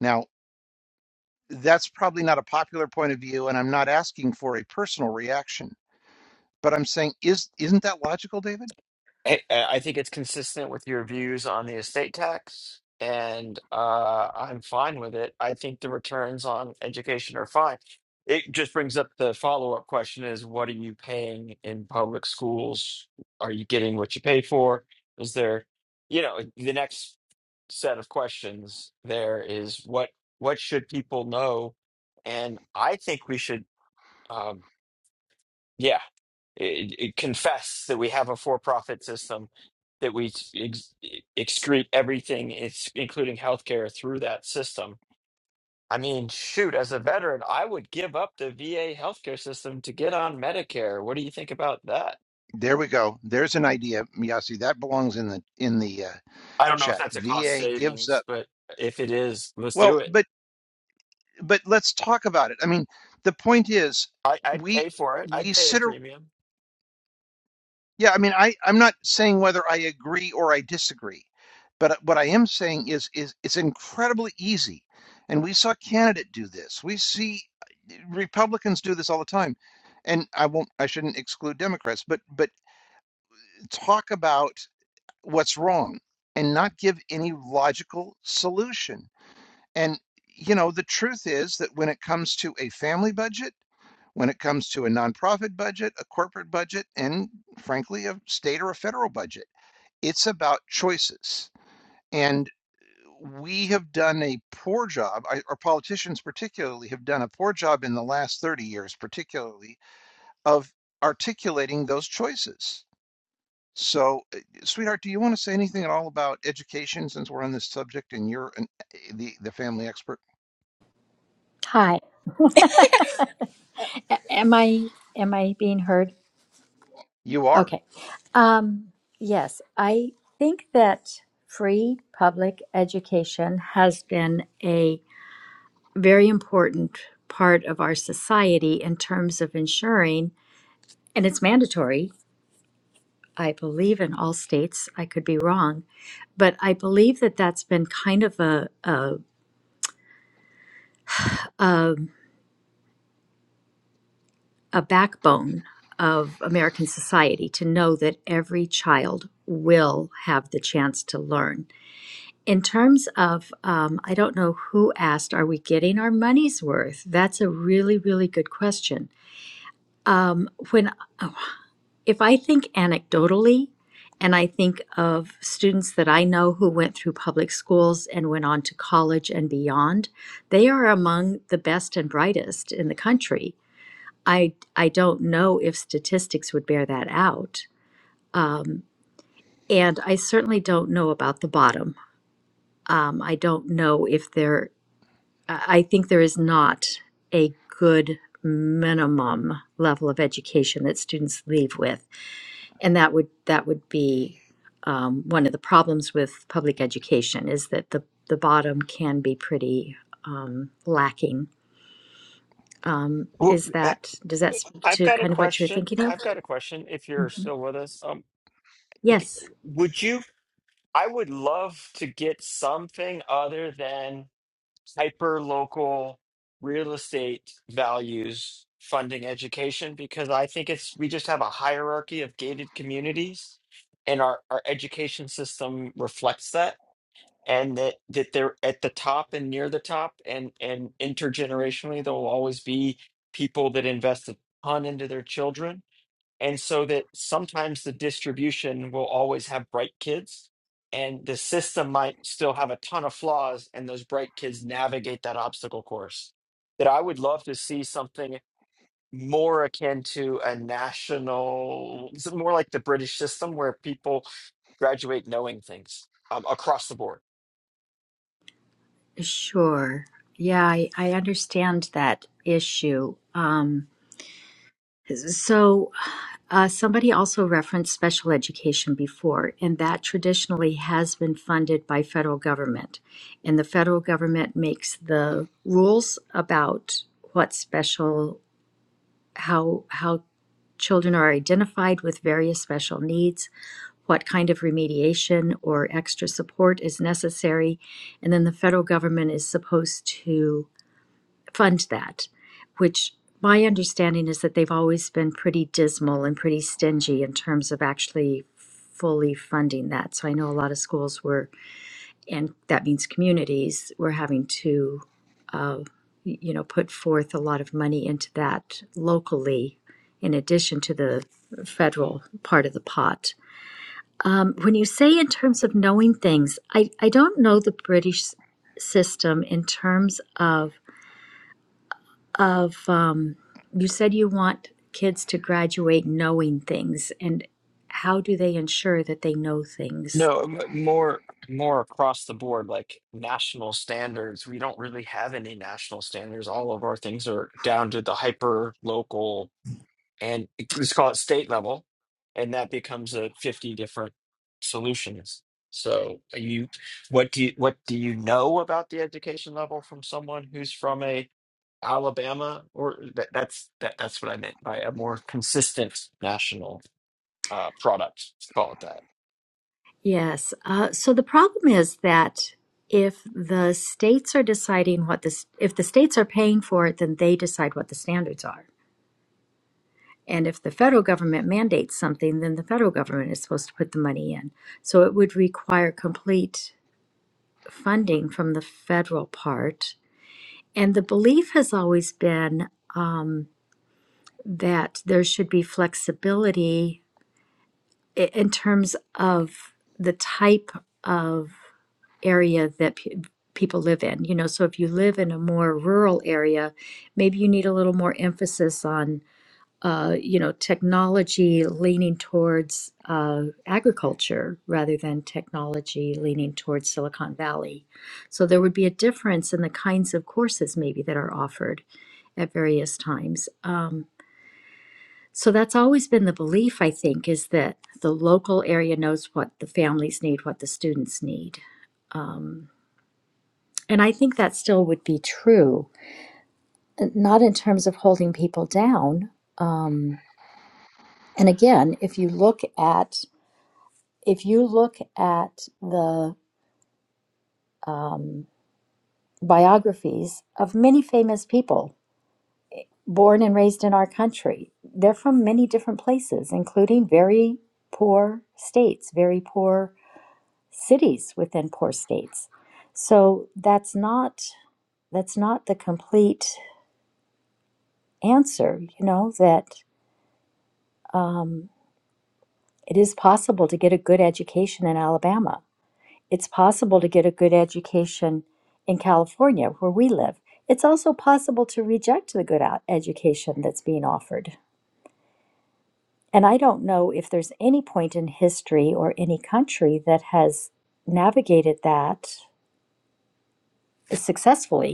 Now, that's probably not a popular point of view, and I'm not asking for a personal reaction, but I'm saying, is isn't that logical, David? I, I think it's consistent with your views on the estate tax, and uh, I'm fine with it. I think the returns on education are fine. It just brings up the follow-up question is what are you paying in public schools? Are you getting what you pay for? Is there, you know, the next set of questions there is what what should people know? And I think we should. Um, yeah it, it confess that we have a for-profit system that we ex- e, excrete everything it's including healthcare through that system i mean shoot as a veteran i would give up the va healthcare system to get on medicare what do you think about that There we go. There's an idea, Miyasi. That belongs in the in the uh, i don't know if chat. that's a cost VA gives savings up. but if it is let's Well, do it but but let's talk about it. I mean, the point is, I, i'd we pay for it i'd we pay a sit premium Yeah, I mean, I I'm not saying whether I agree or I disagree, but uh, what I am saying is is it's incredibly easy, and we saw candidate do this. We see uh, Republicans do this all the time, and I won't I shouldn't exclude Democrats, but but talk about what's wrong and not give any logical solution. And, you know, the truth is that when it comes to a family budget, when it comes to a nonprofit budget, a corporate budget, and frankly, a state or a federal budget, it's about choices. And we have done a poor job, our politicians particularly have done a poor job in the last 30 years, particularly, of articulating those choices. So, uh, sweetheart, do you want to say anything at all about education since we're on this subject and you're an, eh, the, the family expert? Hi. A- Am I am I being heard? You are. Okay. Um, yes, I think that free public education has been a very important part of our society in terms of ensuring, and it's mandatory, I believe, in all states. I could be wrong, but I believe that that's been kind of a, a, a a backbone of American society to know that every child will have the chance to learn. In terms of, um, I don't know who asked, are we getting our money's worth? That's a really, really good question. Um, when if I think anecdotally, and I think of students that I know who went through public schools and went on to college and beyond, they are among the best and brightest in the country I I don't know if statistics would bear that out, um, and I certainly don't know about the bottom. Um, I don't know if there. I I think there is not a good minimum level of education that students leave with, and that would that would be um, one of the problems with public education is that the the bottom can be pretty um, lacking. Um, Wh- is I- that does that speak i've to got a kind of what you're question thinking of? i've got a question if you're Mhm. still with us um, Yes. would you I would love to get something other than hyper local real estate values funding education because I think it's we just have a hierarchy of gated communities and our, our education system reflects that and that, that they're at the top and near the top and and intergenerationally there will always be people that invest a ton into their children and so that sometimes the distribution will always have bright kids, and the system might still have a ton of flaws, and those bright kids navigate that obstacle course. That I would love to see something more akin to a national, more like the British system where people graduate knowing things um, across the board Sure. Yeah, I, I understand that issue. Um, so, uh, somebody also referenced special education before, and that traditionally has been funded by federal government. And the federal government makes the rules about what special, how, how children are identified with various special needs, what kind of remediation or extra support is necessary. And then the federal government is supposed to fund that, which my understanding is that they've always been pretty dismal and pretty stingy in terms of actually fully funding that. So I know a lot of schools were, and that means communities, were having to, uh, you know, put forth a lot of money into that locally in addition to the federal part of the pot. Um, when you say in terms of knowing things, I, I don't know the British s- system in terms of of um, you said you want kids to graduate knowing things and how do they ensure that they know things No, but more more across the board, like national standards. We don't really have any national standards. All of our things are down to the hyper local and e, let's call it state level, and that becomes a 50 different solutions. So are you what do you what do you know about the education level from someone who's from a Alabama or that, that's that that's what I meant by a more consistent national uh product, let's call it that. yes uh, so the problem is that if the states are deciding what this if the states are paying for it then they decide what the standards are and if the federal government mandates something then the federal government is supposed to put the money in so it would require complete funding from the federal part and the belief has always been um, that there should be flexibility i- in terms of the type of area that pe- people live in. You know, so if you live in a more rural area, maybe you need a little more emphasis on, uh, you know, technology leaning towards uh, agriculture rather than technology leaning towards Silicon Valley. So there would be a difference in the kinds of courses maybe that are offered at various times. Um, so that's always been the belief, I think, is that the local area knows what the families need, what the students need. Um, and I think that still would be true, not in terms of holding people down. Um, and again, if you look at if you look at the um, biographies of many famous people born and raised in our country, they're from many different places, including very poor states, very poor cities within poor states. So that's not that's not the complete answer. You know that um, it is possible to get a good education in Alabama. It's possible to get a good education in California, where we live. It's also possible to reject the good out- education that's being offered. And I don't know if there's any point in history or any country that has navigated that successfully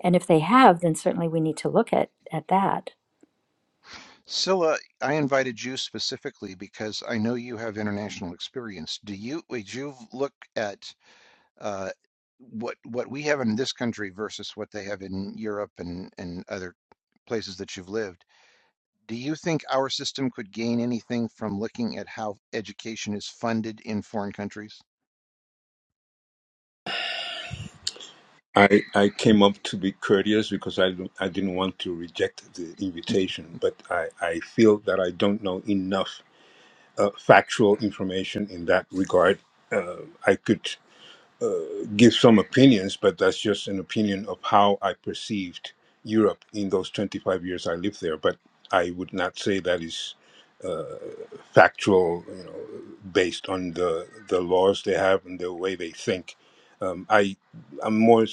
And if they have, then certainly we need to look at, at that. Scylla, I invited you specifically because I know you have international experience. Do you, would you look at uh, what what we have in this country versus what they have in Europe and and other places that you've lived? Do you think our system could gain anything from looking at how education is funded in foreign countries? I, I came up to be courteous because I, don't- I didn't want to reject the invitation, but I, I feel that I don't know enough uh, factual information in that regard. Uh, I could give some opinions, but that's just an opinion of how I perceived Europe in those 25 years I lived there. But I would not say that is uh, factual, you know, based on the, the laws they have and the way they think. Um, I, I'm more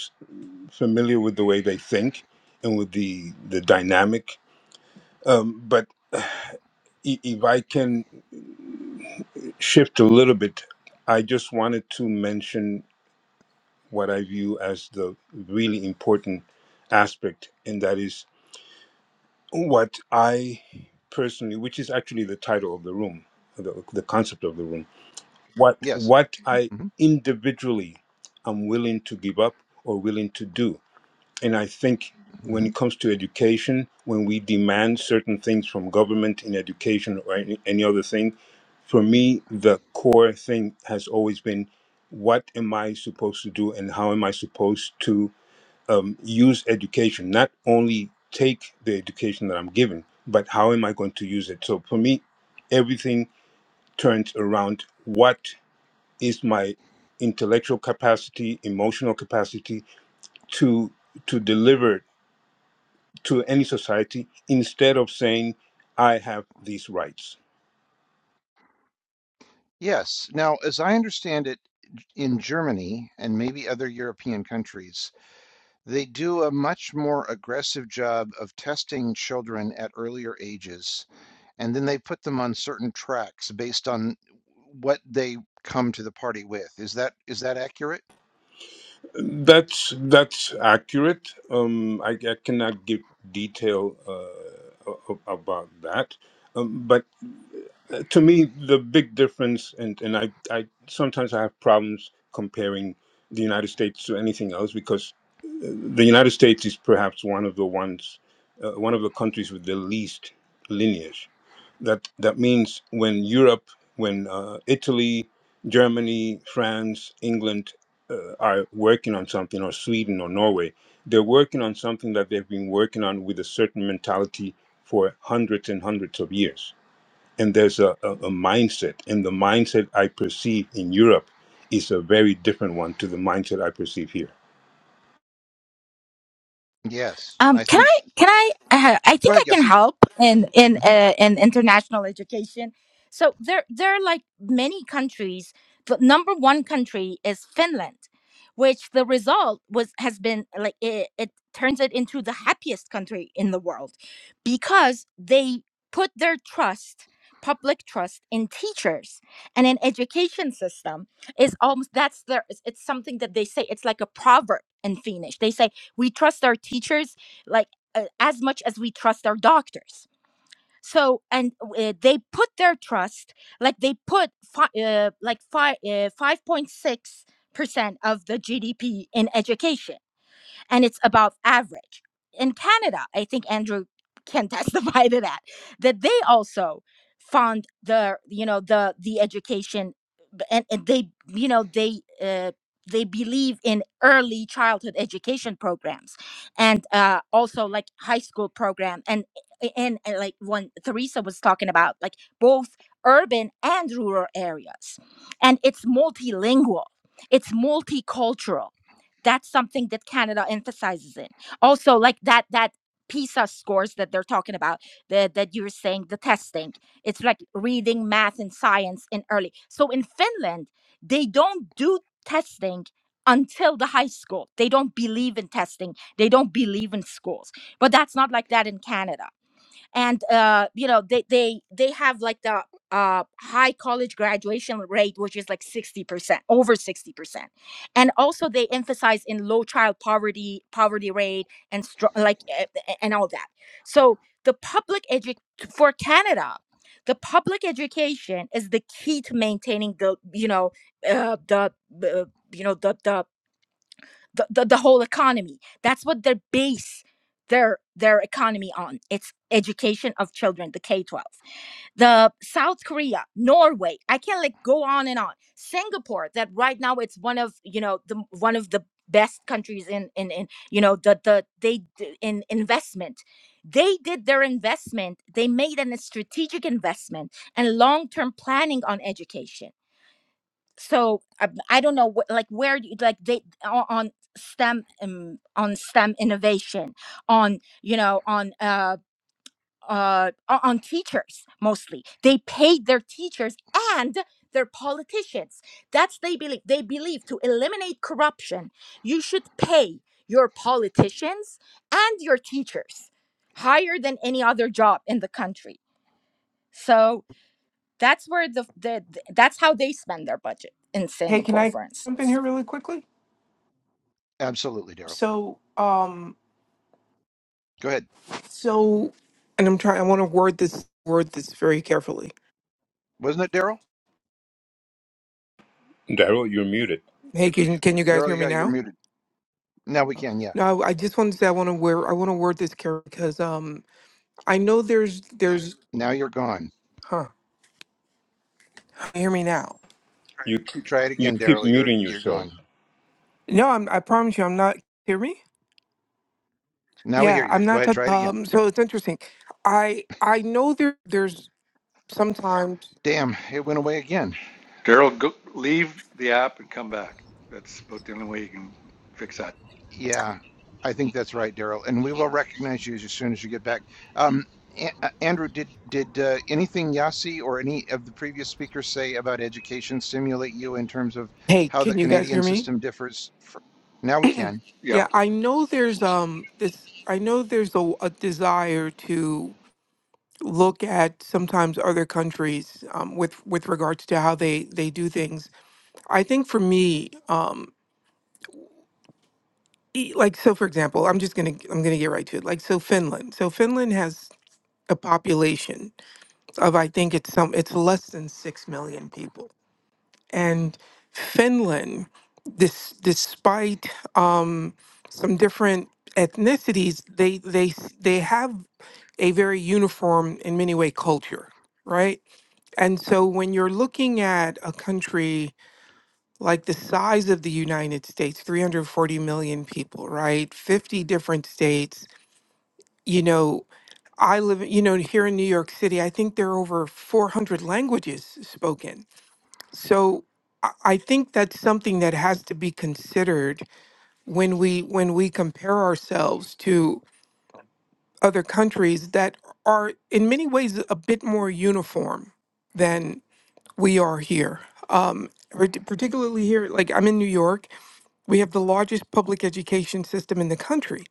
familiar with the way they think and with the the dynamic. Um, but i- if I can shift a little bit, I just wanted to mention what I view as the really important aspect, and that is what I personally, which is actually the title of the room, the, the concept of the room, what Yes. what I hmm individually am willing to give up or willing to do. And I think when hmm it comes to education, when we demand certain things from government in education or any, any other thing, for me, the core thing has always been what am I supposed to do and how am I supposed to um, use education? Not only take the education that I'm given, but how am I going to use it? So for me, everything turns around what is my intellectual capacity, emotional capacity to to deliver to any society instead of saying I have these rights. Yes. Now, as I understand it, in Germany and maybe other European countries, They do a much more aggressive job of testing children at earlier ages, and then they put them on certain tracks based on what they come to the party with. Is that is that accurate? That's that's accurate. Um, I, I cannot give detail uh, a- a- about that, um, but. Uh, to me, the big difference, and, and I, I sometimes I have problems comparing the United States to anything else because uh, the United States is perhaps one of the ones, uh, one of the countries with the least lineage. That that means when Europe, when uh, Italy, Germany, France, England uh, are working on something, or Sweden or Norway, they're working on something that they've been working on with a certain mentality for hundreds and hundreds of years and there's a, a, a mindset and the mindset i perceive in europe is a very different one to the mindset i perceive here Yes, Um, I can think. I? Can I? Uh, I Go think I ahead, can Yossi. help in in hmm uh, in international education. So there there are like many countries. The number one country is Finland, which the result was has been like it, it turns it into the happiest country in the world because they put their trust public trust in teachers and an education system is almost that's their it's it's something that they say it's like a proverb in finnish they say we trust our teachers like uh, as much as we trust our doctors so and uh, they put their trust like they put fi- uh, like five uh, five uh, 5.6 percent of the gdp in education and it's above average. In Canada, I think Andrew can testify to that, that they also fund the you know the the education and, and they you know they uh, they believe in early childhood education programs and uh, also like high school program and and, and like when Teresa was talking about like both urban and rural areas and it's multilingual it's multicultural that's something that canada emphasizes in also like that that pisa scores that they're talking about that that you're saying the testing it's like reading math and science in early so in finland they don't do testing until the high school they don't believe in testing they don't believe in schools but that's not like that in canada and uh, you know they they they have like the uh, high college graduation rate, which is like sixty percent, over sixty percent, and also they emphasize in low child poverty, poverty rate, and str- like eh, eh, and all that. So the public edu for Canada, the public education is the key to maintaining the you know uh, the uh, you know the the the, the, the whole economy that's what they base their their economy on it's education of children the k-12 the south korea norway i can not like go on and on singapore that right now it's one of you know the one of the best countries in in, in you know the the they d- in investment they did their investment they made an, a strategic investment and long-term planning on education so I, I don't know what like where do you like they o- on stem um, on stem innovation on you know on uh uh o- on teachers mostly they paid their teachers and their politicians that's they believe they believe to eliminate corruption you should pay your politicians and your teachers higher than any other job in the country so that's where the, the the- that's how they spend their budget in hey, can singapore I for jump in instance here really quickly? Absolutely, Daryl. So, um, Go ahead. so, and I'm trying. I want to word this word this very carefully. Wasn't it Daryl? daryl you're muted Hey, can can you guys hear Daryl, me yeah, you're now? muted. Now we can, yeah. No, I, just want to say I want to word I want to word this carefully because um I know there's there's Now you're gone. huh can you hear me now? you Try it you again, keep Daryl. You're muting you're yourself gone. No, I'm I promise you I'm not hear me. Now we hear Yeah, you. I'm Go not. ahead, touch- try it again. Um, so it's interesting. I I know there there's sometimes. Damn, it went away again. Daryl, go, leave the app and come back. That's about the only way you can fix that. Yeah, I think that's right, Daryl. And we will recognize you as soon as you get back. Um, A- A- Andrew, did did uh, anything Yasi or any of the previous speakers say about education stimulate you in terms of Hey, how the can you guys hear Canadian me? system differs? fr- now we can. Yeah, Yep. I know there's um this I know there's a, a desire to look at sometimes other countries um, with with regards to how they they do things. I think for me, um, e- like so for example, I'm just gonna I'm gonna get right to it. Like so Finland, so Finland has a population of I think it's some it's less than six million people, and Finland, this despite um, some different ethnicities they they s- they have a very uniform, in many way, culture, right? And so when you're looking at a country like the size of the United States, 340 million people, right? 50 different states, you know, I live, you know, here in New York City, I think there are over 400 languages spoken. So I I think that's something that has to be considered when we when we compare ourselves to. other countries that are in many ways a bit more uniform than we are here. Um, part- particularly here, like I'm in New York, we have the largest public education system in the country,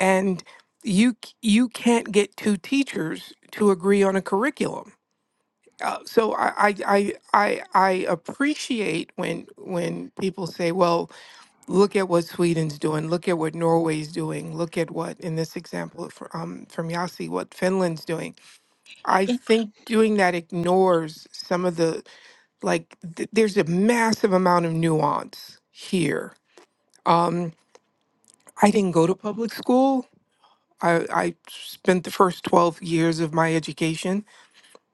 and you c- you can't get two teachers to agree on a curriculum. Uh, so I, I I I I appreciate when when people say, well, look at what Sweden's doing, look at what Norway's doing, look at what, in this example fr- um, from Yasi, what Finland's doing. I yeah, think doing that ignores some of the, like, th- there's a massive amount of nuance here. Um, I didn't go to public school. I, I spent the first 12 years of my education,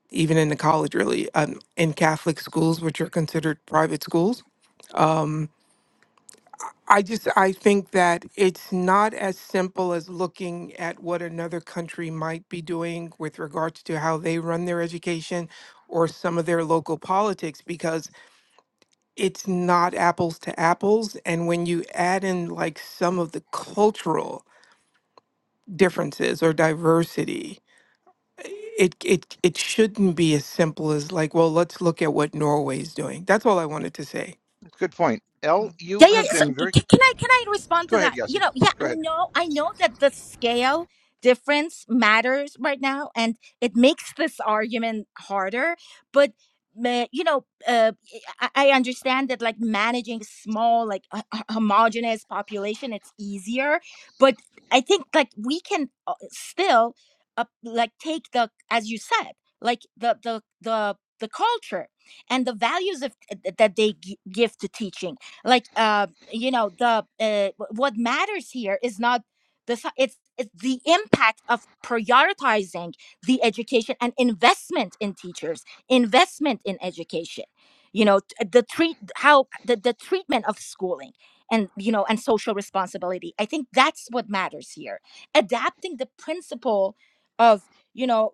even in the college, really, um, in Catholic schools, which are considered private schools. Um, I just I think that it's not as simple as looking at what another country might be doing with regards to how they run their education or some of their local politics because it's not apples to apples and when you add in like some of the cultural differences or diversity it it it shouldn't be as simple as like well let's look at what Norway's doing. That's all I wanted to say. Good point. L, yeah. you have yeah. So been c- very. c- can I can I respond Go to ahead, that? You Yasi. know, yeah, Go I ahead. know, I know that the scale difference matters right now, and it makes this argument harder. But ma- you know, uh, I, I I understand that like managing small, like a, homogeneous population, it's easier. But I think like we can uh, still uh, like take the as you said, like the the the the culture and the values of, uh, that they gi- give to teaching like uh you know the uh, wh- what matters here is not the si- it's it's the impact of prioritizing the education and investment in teachers investment in education you know t- the treat how the, the treatment of schooling and you know and social responsibility i think that's what matters here adapting the principle of you know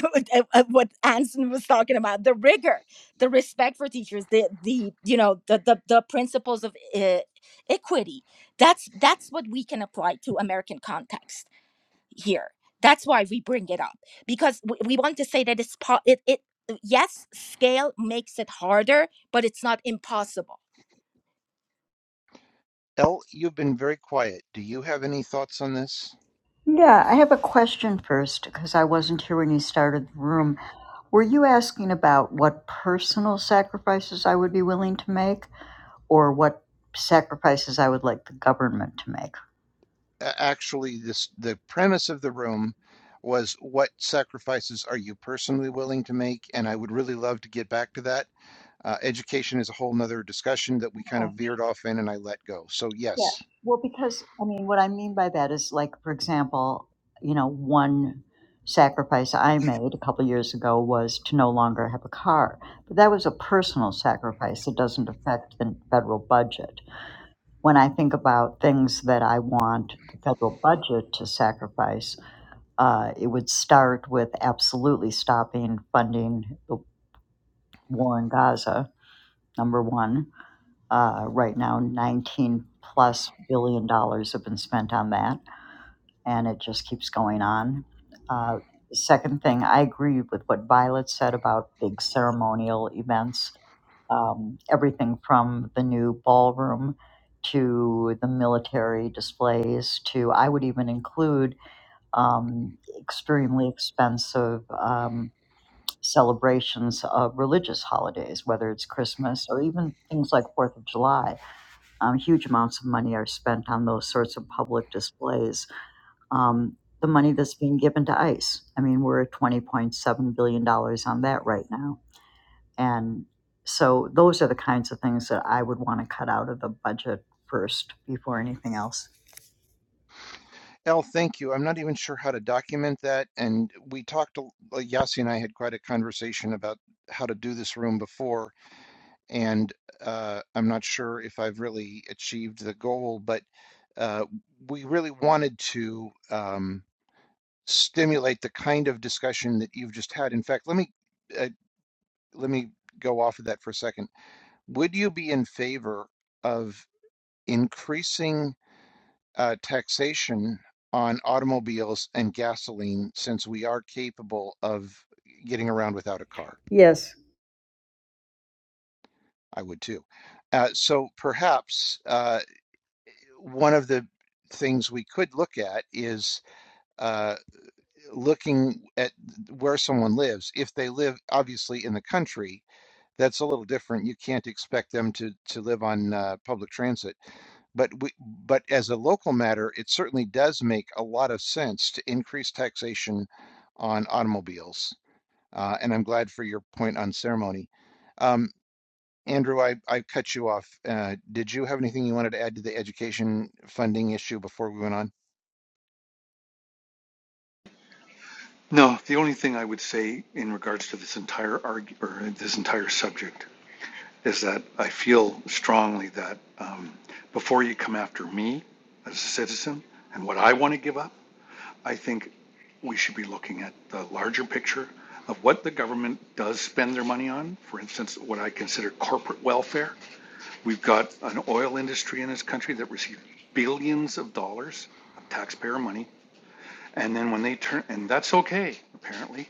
what anson was talking about the rigor the respect for teachers the the you know the the, the principles of uh, equity that's that's what we can apply to american context here that's why we bring it up because we, we want to say that it's po- it, it yes scale makes it harder but it's not impossible L, you've been very quiet. Do you have any thoughts on this? Yeah, I have a question first because I wasn't here when you started the room. Were you asking about what personal sacrifices I would be willing to make or what sacrifices I would like the government to make? actually this the premise of the room was what sacrifices are you personally willing to make and i would really love to get back to that uh, education is a whole nother discussion that we kind of Okay. veered off in and i let go so Yeah. yes Well, because I mean, what I mean by that is like for example, you know, one sacrifice I made a couple years ago was to no longer have a car. But that was a personal sacrifice. It doesn't affect the federal budget. when I think about things that I want the federal budget to sacrifice, uh, it would start with absolutely stopping funding the war in Gaza, number one. Uh, right now, 19 plus billion dollars have been spent on that, and it just keeps going on. Uh, the second thing, I agree with what Violet said about big ceremonial events um, everything from the new ballroom to the military displays to I would even include um, extremely expensive um, celebrations of religious holidays, whether it's Christmas or even things like Fourth of July. Um, huge amounts of money are spent on those sorts of public displays. Um, the money that's being given to ICE. I mean, we're at $20.7 billion dollars on that right now and so those are the kinds of things that I would want to cut out of the budget first before anything else. l thank you i'm not even sure how to document that and we talked like yasi and i had quite a conversation about how to do this room before and uh, i'm not sure if i've really achieved the goal but uh, we really wanted to um, stimulate the kind of discussion that you've just had. In fact, let me uh, let me go off of that for a second. Would you be in favor of increasing uh, taxation on automobiles and gasoline since we are capable of getting around without a car? Yes, I would too. Uh, so perhaps uh, one of the things we could look at is uh, looking at where someone lives. If they live obviously in the country, that's a little different. You can't expect them to to live on uh, public transit. But we, but as a local matter, it certainly does make a lot of sense to increase taxation on automobiles. Uh, and I'm glad for your point on ceremony. Um, Andrew, I, I cut you off. Uh, did you have anything you wanted to add to the education funding issue before we went on? No, the only thing I would say in regards to this entire arg or this entire subject is that I feel strongly that um, before you come after me as a citizen and what I want to give up, I think we should be looking at the larger picture of what the government does spend their money on. For instance, what I consider corporate welfare. We've got an oil industry in this country that receives billions of dollars of taxpayer money. And then when they turn, and that's okay, apparently,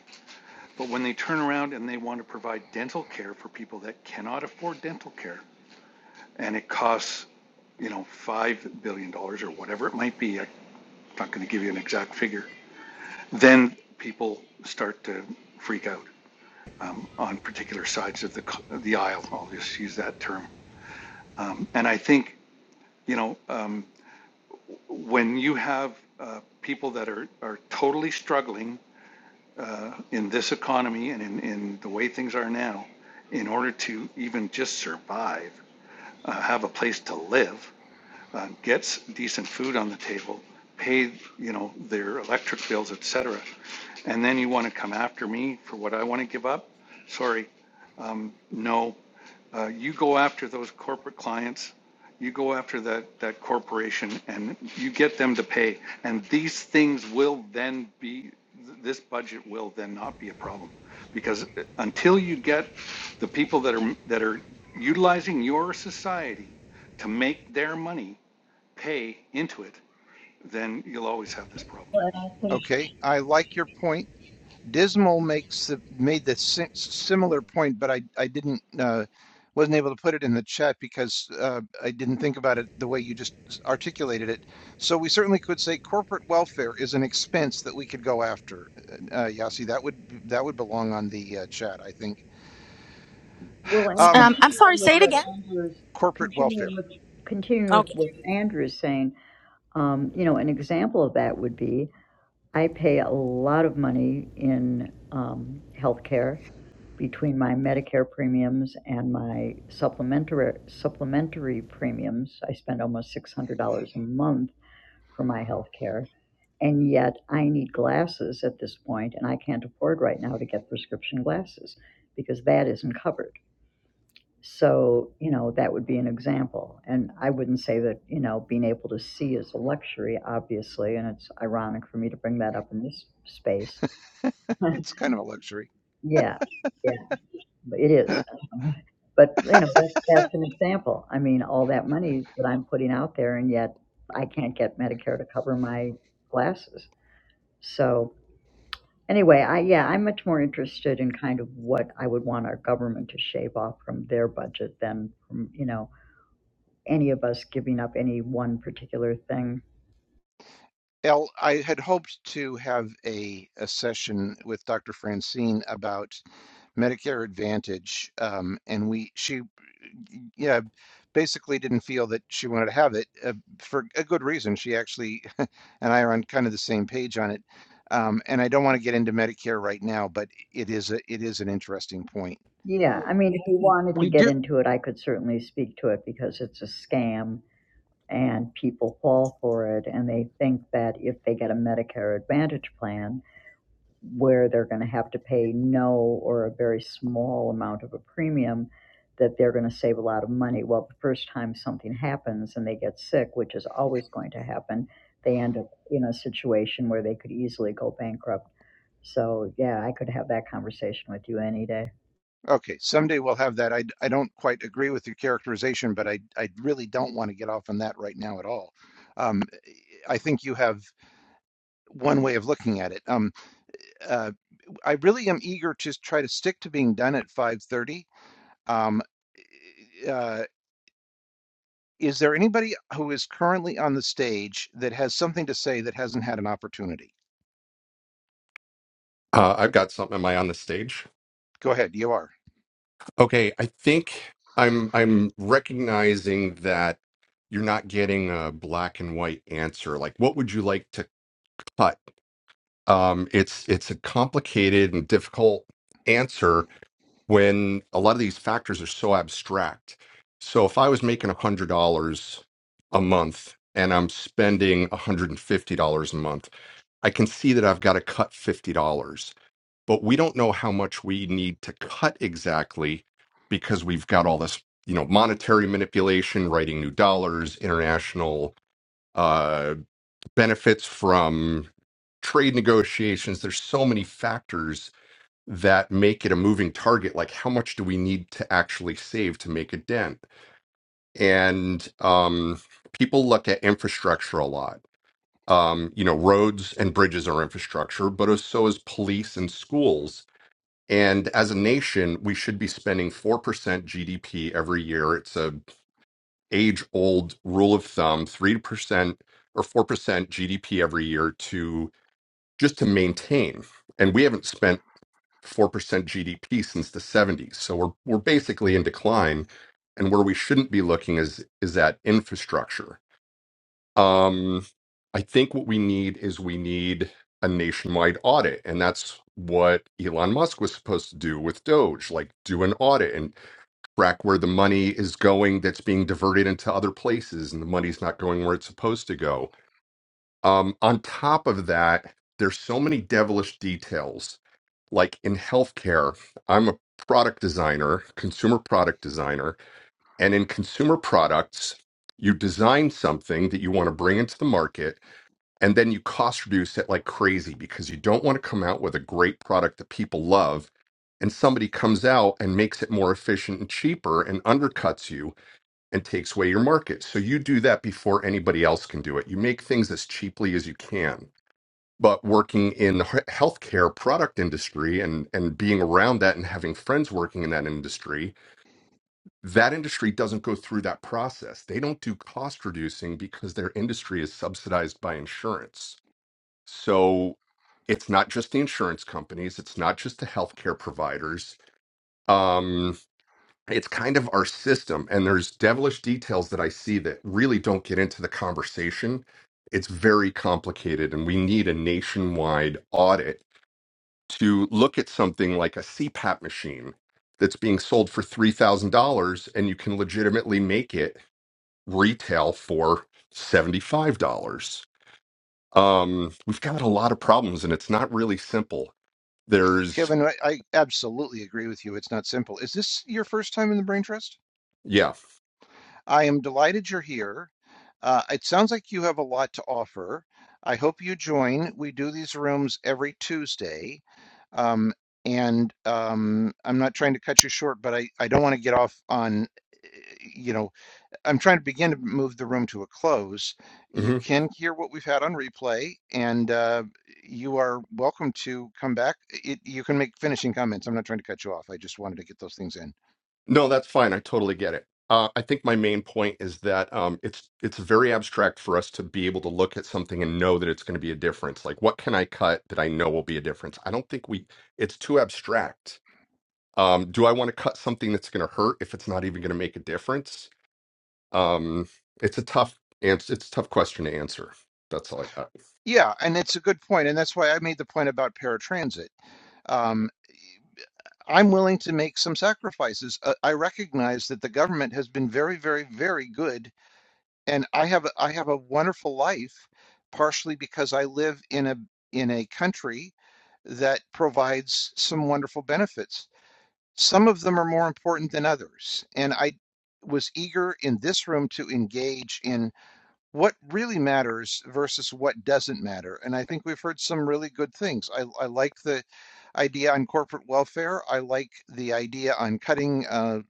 but when they turn around and they want to provide dental care for people that cannot afford dental care, and it costs, you know, $5 billion dollars or whatever it might be, I'm not going to give you an exact figure, then people start to freak out um, on particular sides of the, the aisle. I'll just use that term. Um, and I think, you know, um, when you have uh, people that are, are totally struggling uh, in this economy and in, in the way things are now, in order to even just survive, uh, have a place to live, uh, gets decent food on the table, pay, you know, their electric bills, et cetera, and then you want to come after me for what I want to give up? Sorry, no. Uh, you go after those corporate clients, you go after that, that corporation, and you get them to pay. And these things will then be, this budget will then not be a problem. Because uh, until you get the people that are, that are utilizing your society to make their money, pay into it, then you'll always have this problem. Well, And I think, Okay, I like your point. Dismal makes the, made the si similar point, but I I didn't uh, wasn't able to put it in the chat because uh, I didn't think about it the way you just articulated it. So we certainly could say corporate welfare is an expense that we could go after. Uh, uh, Yasi, that would that would belong on the uh, chat, I think. well, and Um, um i'm sorry continuing with say it what again Andrew's, corporate welfare. continuing with, continuing with okay what Andrew is saying, um, you know, an example of that would be, I pay a lot of money in, um, healthcare between my Medicare premiums and my supplementary, supplementary premiums. I spend almost six hundred dollars a month for my healthcare. And yet I need glasses at this point, and I can't afford right now to get prescription glasses because that isn't covered. So, you know, that would be an example. And I wouldn't say that, you know, being able to see is a luxury, obviously. And it's ironic for me to bring that up in this space. It's kind of a luxury. Yeah, yeah, but it is. Um, But, you know, that's, that's an example. I mean, all that money that I'm putting out there, and yet I can't get Medicare to cover my glasses. So, Anyway, I, yeah, I'm much more interested in kind of what I would want our government to shave off from their budget than from, you know, any of us giving up any one particular thing. Al, I had hoped to have a, a session with Dr. Francine about Medicare Advantage, um, and we she yeah basically didn't feel that she wanted to have it uh, for a good reason. She actually and I are on kind of the same page on it, um, and I don't want to get into Medicare right now, but it is a, it is an interesting point. Yeah, I mean, if you wanted to get into it, I could certainly speak to it because it's a scam and people fall for it and they think that if they get a Medicare Advantage plan, where they're going to have to pay no or a very small amount of a premium, that they're going to save a lot of money. Well, the first time something happens and they get sick, which is always going to happen, they end up in a situation where they could easily go bankrupt. So, yeah, I could have that conversation with you any day. Okay, someday we'll have that. I I d- I don't quite agree with your characterization, but I, I really don't want to get off on that right now at all. Um, I think you have one way of looking at it. Um, uh, I really am eager to try to stick to being done at 5:30. Um, eh, uh, is there anybody who is currently on the stage that has something to say that hasn't had an opportunity? Uh, I've got something. Am I on the stage? Go ahead, you are. Okay, I think I'm. I'm recognizing that you're not getting a black and white answer. Like, what would you like to cut? Um, it's it's a complicated and difficult answer when a lot of these factors are so abstract. So, if I was making a hundred dollars a month and I'm spending a hundred and fifty dollars a month, I can see that I've got to cut $50. but we don't know how much we need to cut exactly because we've got all this you know monetary manipulation writing new dollars international uh, benefits from trade negotiations there's so many factors that make it a moving target like how much do we need to actually save to make a dent and um, people look at infrastructure a lot um, you know roads and bridges are infrastructure but so is police and schools and as a nation, we should be spending 4% GDP every year. It's a age old rule of thumb, 3% or 4% GDP every year to just to maintain. And we haven't spent 4% GDP since the 70s. So we're we're basically in decline and where we shouldn't be looking is is at infrastructure um, I think what we need is we need a nationwide audit, and that's what Elon Musk was supposed to do with Doge, like do an audit and track where the money is going that's being diverted into other places, and the money's not going where it's supposed to go. Um, on top of that, there's so many devilish details. Like in healthcare, I'm a product designer, consumer product designer, and in consumer products, you design something that you want to bring into the market and then you cost reduce it like crazy because you don't want to come out with a great product that people love and somebody comes out and makes it more efficient and cheaper and undercuts you and takes away your market so you do that before anybody else can do it you make things as cheaply as you can but working in the he- healthcare product industry and and being around that and having friends working in that industry that industry doesn't go through that process they don't do cost reducing because their industry is subsidized by insurance so it's not just the insurance companies, it's not just the healthcare providers. Um, it's kind of our system, and there's devilish details that I see that really don't get into the conversation. It's very complicated, and we need a nationwide audit to look at something like a CPAP machine that's being sold for $3,000 and you can legitimately make it retail for $75 um, we've got a lot of problems and it's not really simple there's Kevin, I, I absolutely agree with you. It's not simple. Is this your first time in the Brain Trust? yeah I am delighted you're here. Uh, it sounds like you have a lot to offer. I hope you join. We do these rooms every Tuesday. Um, and um, I'm not trying to cut you short, but I, I don't want to get off on, eh, you know, I'm trying to begin to move the room to a close. You hmm can hear what we've had on replay, and uh, you are welcome to come back. It, you can make finishing comments. I'm not trying to cut you off. I just wanted to get those things in. no that's fine i totally get it uh, i think my main point is that um, it's it's very abstract for us to be able to look at something and know that it's going to be a difference like what can i cut that i know will be a difference i don't think we it's too abstract um, do i want to cut something that's going to hurt if it's not even going to make a difference um, it's a tough ans- it's a tough question to answer that's all i got Yeah, and it's a good point, and that's why I made the point about paratransit. Um, I'm willing to make some sacrifices. Uh, I recognize that the government has been very, very, very good, and I have I have a wonderful life, partially because I live in a in a country that provides some wonderful benefits. Some of them are more important than others, and I was eager in this room to engage in what really matters versus what doesn't matter. And I think we've heard some really good things. I, I like the idea on corporate welfare. I like the idea on cutting uh,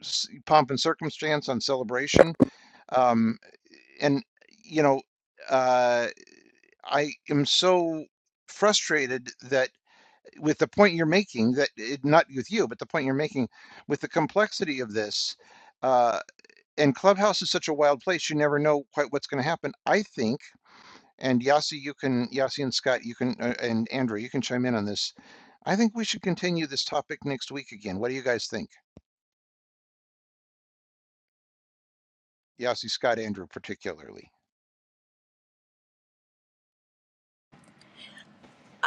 s- pomp and circumstance on celebration. Um, and, you know, uh, I am so frustrated that with the point you're making, that it, not with you, but the point you're making with the complexity of this. Uh, and Clubhouse is such a wild place, you never know quite what's going to happen. I think. And Yasi, you can, Yasi and Scott, you can, uh, and Andrew, you can chime in on this. I think we should continue this topic next week again. What do you guys think? Yasi, Scott, Andrew, particularly.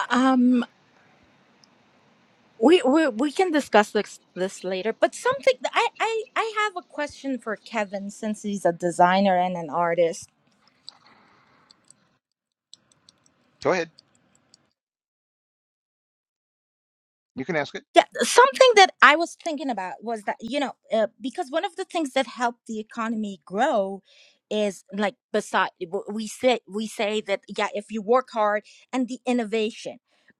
um we, we we can discuss this this later but something i i i have a question for kevin since he's a designer and an artist Go ahead. You can ask it. Yeah, something that I was thinking about was that, you know, uh, because one of the things that helped the economy grow is like beside w- we say we say that yeah, if you work hard and the innovation.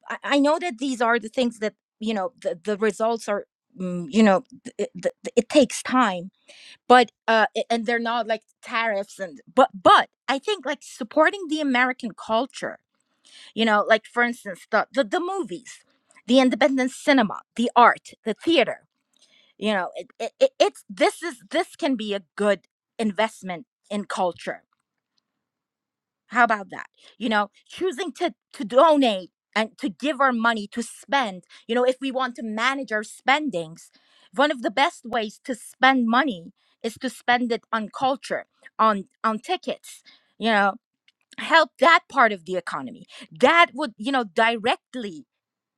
I, I know that these are the things that, you know, the, the results are mm, you know, th- th- th- it takes time, but uh, a- and they're not like tariffs and but but I think like supporting the American culture you know like for instance the the, the movies the independent cinema the art the theater you know it, it, it, it's this is this can be a good investment in culture how about that you know choosing to to donate and to give our money to spend you know if we want to manage our spendings one of the best ways to spend money is to spend it on culture on on tickets you know help that part of the economy that would you know directly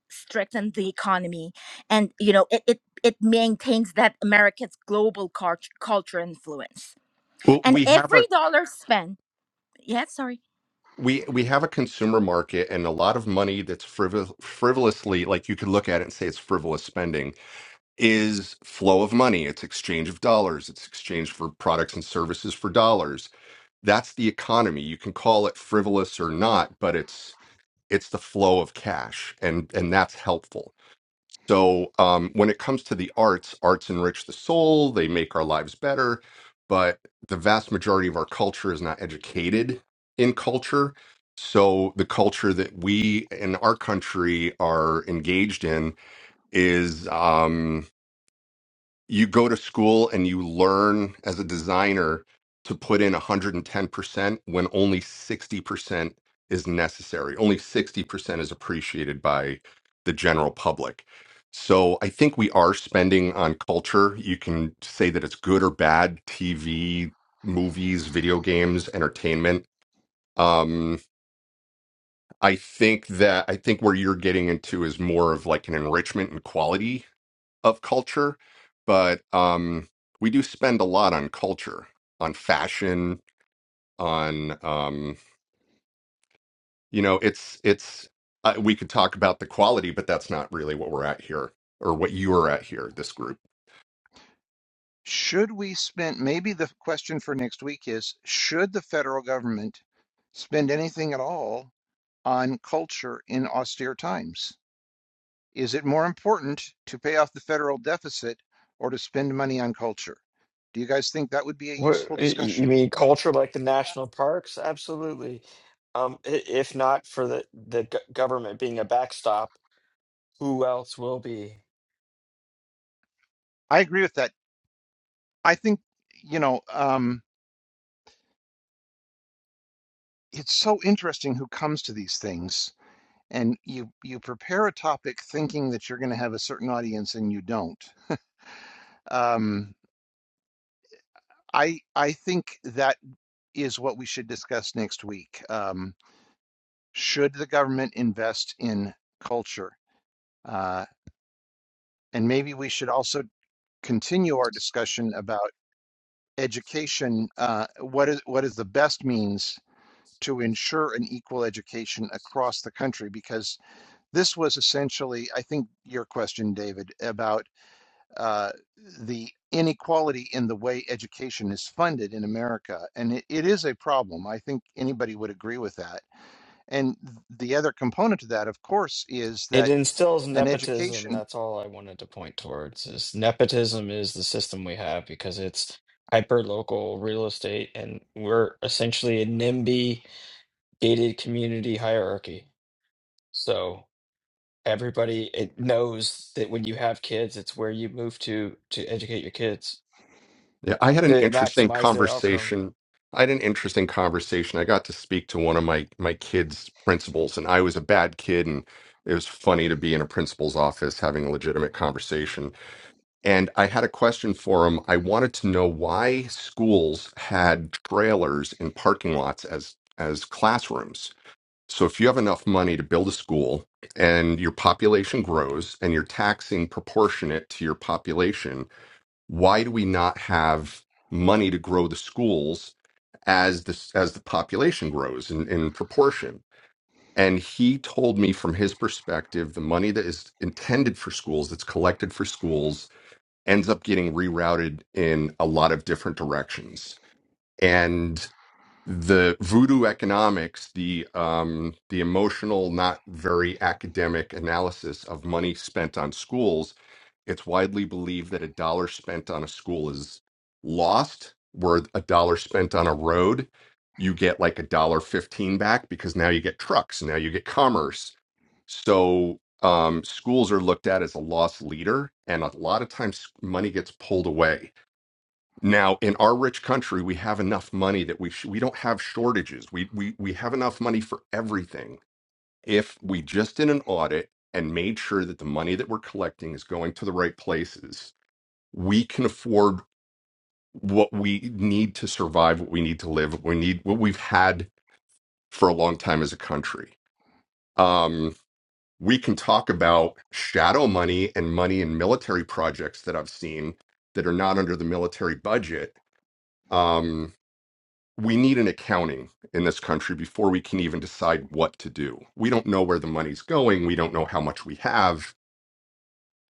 strengthen the economy and you know it, it it maintains that america's global cult- culture influence well and we have a every dollar spent yeah sorry we we have a consumer market and a lot of money that's frivol- frivolously like you could look at it and say it's frivolous spending is flow of money it's exchange of dollars it's exchange for products and services for dollars that's the economy you can call it frivolous or not but it's it's the flow of cash and and that's helpful so, um, when it comes to the arts, arts enrich the soul, they make our lives better, but the vast majority of our culture is not educated in culture. So, the culture that we in our country are engaged in is um, you go to school and you learn as a designer to put in 110% when only 60% is necessary. Only 60% is appreciated by the general public. So I think we are spending on culture. You can say that it's good or bad, TV, movies, video games, entertainment. Um, I think that I think where you're getting into is more of like an enrichment and quality of culture, but um, we do spend a lot on culture, on fashion, on um, you know, it's it's uh, we could talk about the quality, but that's not really what we're at here or what you are at here. This group. Should we spend, maybe the question for next week is, should the federal government spend anything at all on culture in austere times? Is it more important to pay off the federal deficit or to spend money on culture? Do you guys think that would be a What useful y- you discussion? mean culture like the national parks? Absolutely. Um, i- if not for the the g- government being a backstop, who else will be? I agree with that. I think, you know, um, it's so interesting who comes to these things. And you you prepare a topic thinking that you're going to have a certain audience, and you don't. Um, I I think that is what we should discuss next week. Um, should the government invest in culture? Uh, and maybe we should also continue our discussion about education. Uh, what is what is the best means to ensure an equal education across the country? Because this was essentially, I think, your question, David, about uh, the inequality in the way education is funded in America. And it, it is a problem. I think anybody would agree with that. And th- the other component to that, of course, is It that instills an nepotism. education, That's all I wanted to point towards is nepotism is the system we have because it's hyper local real estate and we're essentially a NIMBY gated community hierarchy. So everybody it knows that when you have kids, it's where you move to to educate your kids. Yeah, I had an to interesting maximize their outcome. conversation. I had an interesting conversation. I got to speak to one of my my kids' principals, and I was a bad kid, and it was funny to be in a principal's office having a legitimate conversation And I had a question for him. I wanted to know why schools had trailers in parking lots as as classrooms. So if you have enough money to build a school and your population grows and you're taxing proportionate to your population, why do we not have money to grow the schools as this as the population grows in, in proportion? And he told me from his perspective, the money that is intended for schools, that's collected for schools, ends up getting rerouted in a lot of different directions. And the voodoo economics, the um, the emotional, not very academic analysis of money spent on schools, it's widely believed that a dollar spent on a school is lost, where a dollar spent on a road, you get like a dollar fifteen back because now you get trucks, now you get commerce, so um, schools are looked at as a lost leader, and a lot of times money gets pulled away. Now, in our rich country, we have enough money that we sh- we don't have shortages. We we we have enough money for everything. If we just did an audit and made sure that the money that we're collecting is going to the right places, we can afford what we need to survive, what we need to live, what we need, what we've had for a long time as a country. Um, we can talk about shadow money and money in military projects that I've seen that are not under the military budget. Um, we need an accounting in this country before we can even decide what to do. We don't know where the money's going. We don't know how much we have.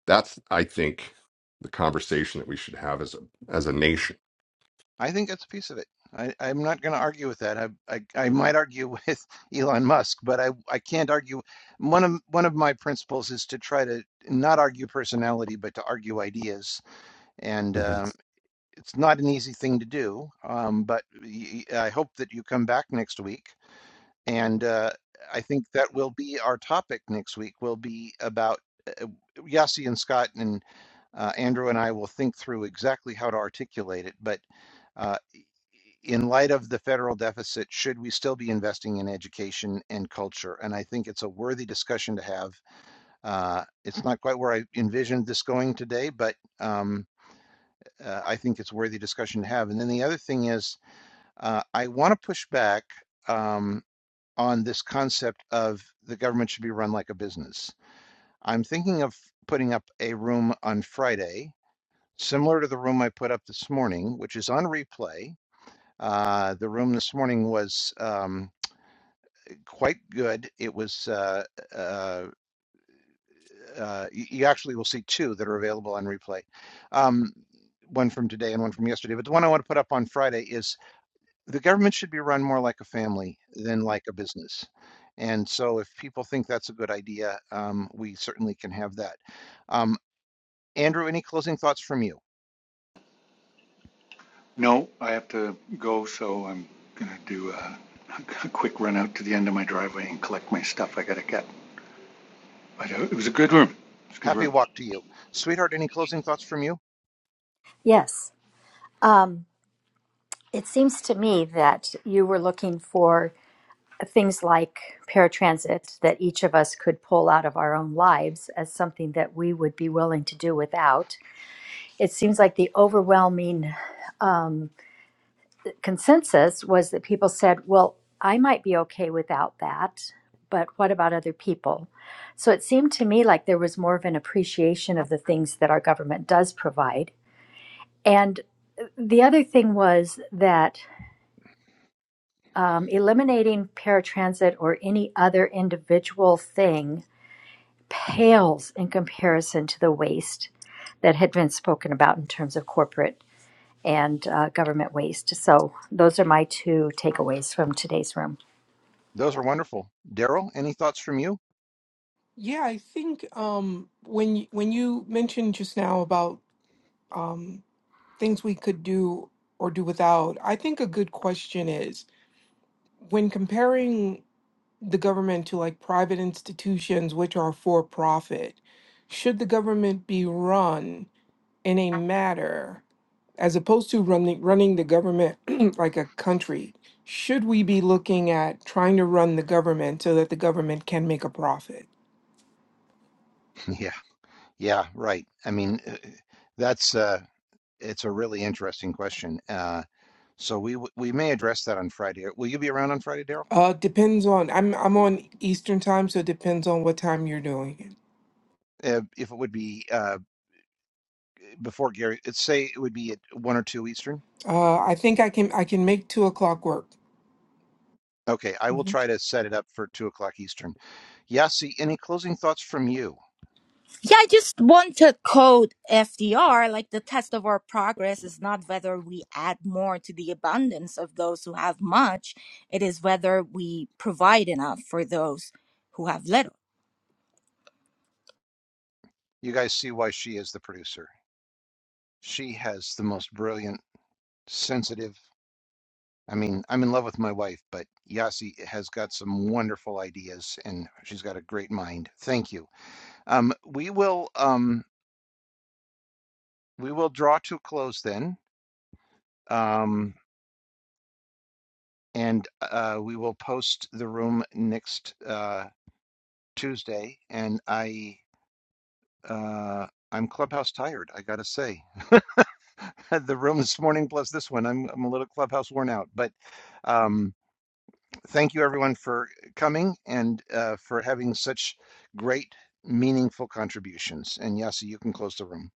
That's, I think, the conversation that we should have as a as a nation. I think that's a piece of it. I, I'm not going to argue with that. I, I, I might argue with Elon Musk, but I, I can't argue. One of one of my principles is to try to not argue personality, but to argue ideas. And uh, it's not an easy thing to do, um, but y- y- I hope that you come back next week. And uh, I think that will be our topic next week. Will be about uh, Yossi and Scott and uh, Andrew and I will think through exactly how to articulate it. But uh, in light of the federal deficit, should we still be investing in education and culture? And I think it's a worthy discussion to have. Uh, it's not quite where I envisioned this going today, but um, uh, I think it's a worthy discussion to have. And then the other thing is, uh, I want to push back um, on this concept of the government should be run like a business. I'm thinking of putting up a room on Friday, similar to the room I put up this morning, which is on replay. Uh, the room this morning was um, quite good. It was, uh, uh, uh, you you actually will see two that are available on replay. Um, one from today and one from yesterday. But the one I want to put up on Friday is the government should be run more like a family than like a business. And so if people think that's a good idea, um, we certainly can have that. Um, Andrew, any closing thoughts from you? No, I have to go, so I'm going to do a, a quick run out to the end of my driveway and collect my stuff I got to get. But uh, it was a good room. It's a good Happy room. walk to you. Sweetheart, any closing thoughts from you? Yes. Um, it seems to me that you were looking for things like paratransit that each of us could pull out of our own lives as something that we would be willing to do without. It seems like the overwhelming um, consensus was that people said, well, I might be okay without that, but what about other people? So it seemed to me like there was more of an appreciation of the things that our government does provide And the other thing was that um, eliminating paratransit or any other individual thing pales in comparison to the waste that had been spoken about in terms of corporate and uh, government waste. So, those are my two takeaways from today's room. Those are wonderful. Daryl, any thoughts from you? Yeah, I think um, when y- when you mentioned just now about things we could do or do without. I think a good question is when comparing the government to like private institutions which are for profit, should the government be run in a matter as opposed to running running the government like a country? Should we be looking at trying to run the government so that the government can make a profit? Yeah, yeah, right. I mean, uh, that's uh, it's a really interesting question. Uh, so we w- we may address that on Friday. Will you be around on Friday, Daryl? Uh, depends on I'm I'm on Eastern time, so it depends on what time you're doing it. Uh, if it would be uh, before Gary, it's say it would be at one or two Eastern. Uh, I think I can I can make two o'clock work. Okay, I will Mhm. try to set it up for two o'clock Eastern. Yasi, any closing thoughts from you? Yeah, I just want to quote FDR like the test of our progress is not whether we add more to the abundance of those who have much, it is whether we provide enough for those who have little. You guys see why she is the producer. She has the most brilliant, sensitive. I mean, I'm in love with my wife, but Yasi has got some wonderful ideas, and she's got a great mind. Thank you. Um, we will um, we will draw to a close then, um, and uh, we will post the room next uh, Tuesday. And I uh, I'm clubhouse tired. I gotta say. the room this morning plus this one. I'm I'm a little clubhouse worn out, but um, thank you everyone for coming and uh, for having such great, meaningful contributions. And Yasi, you can close the room.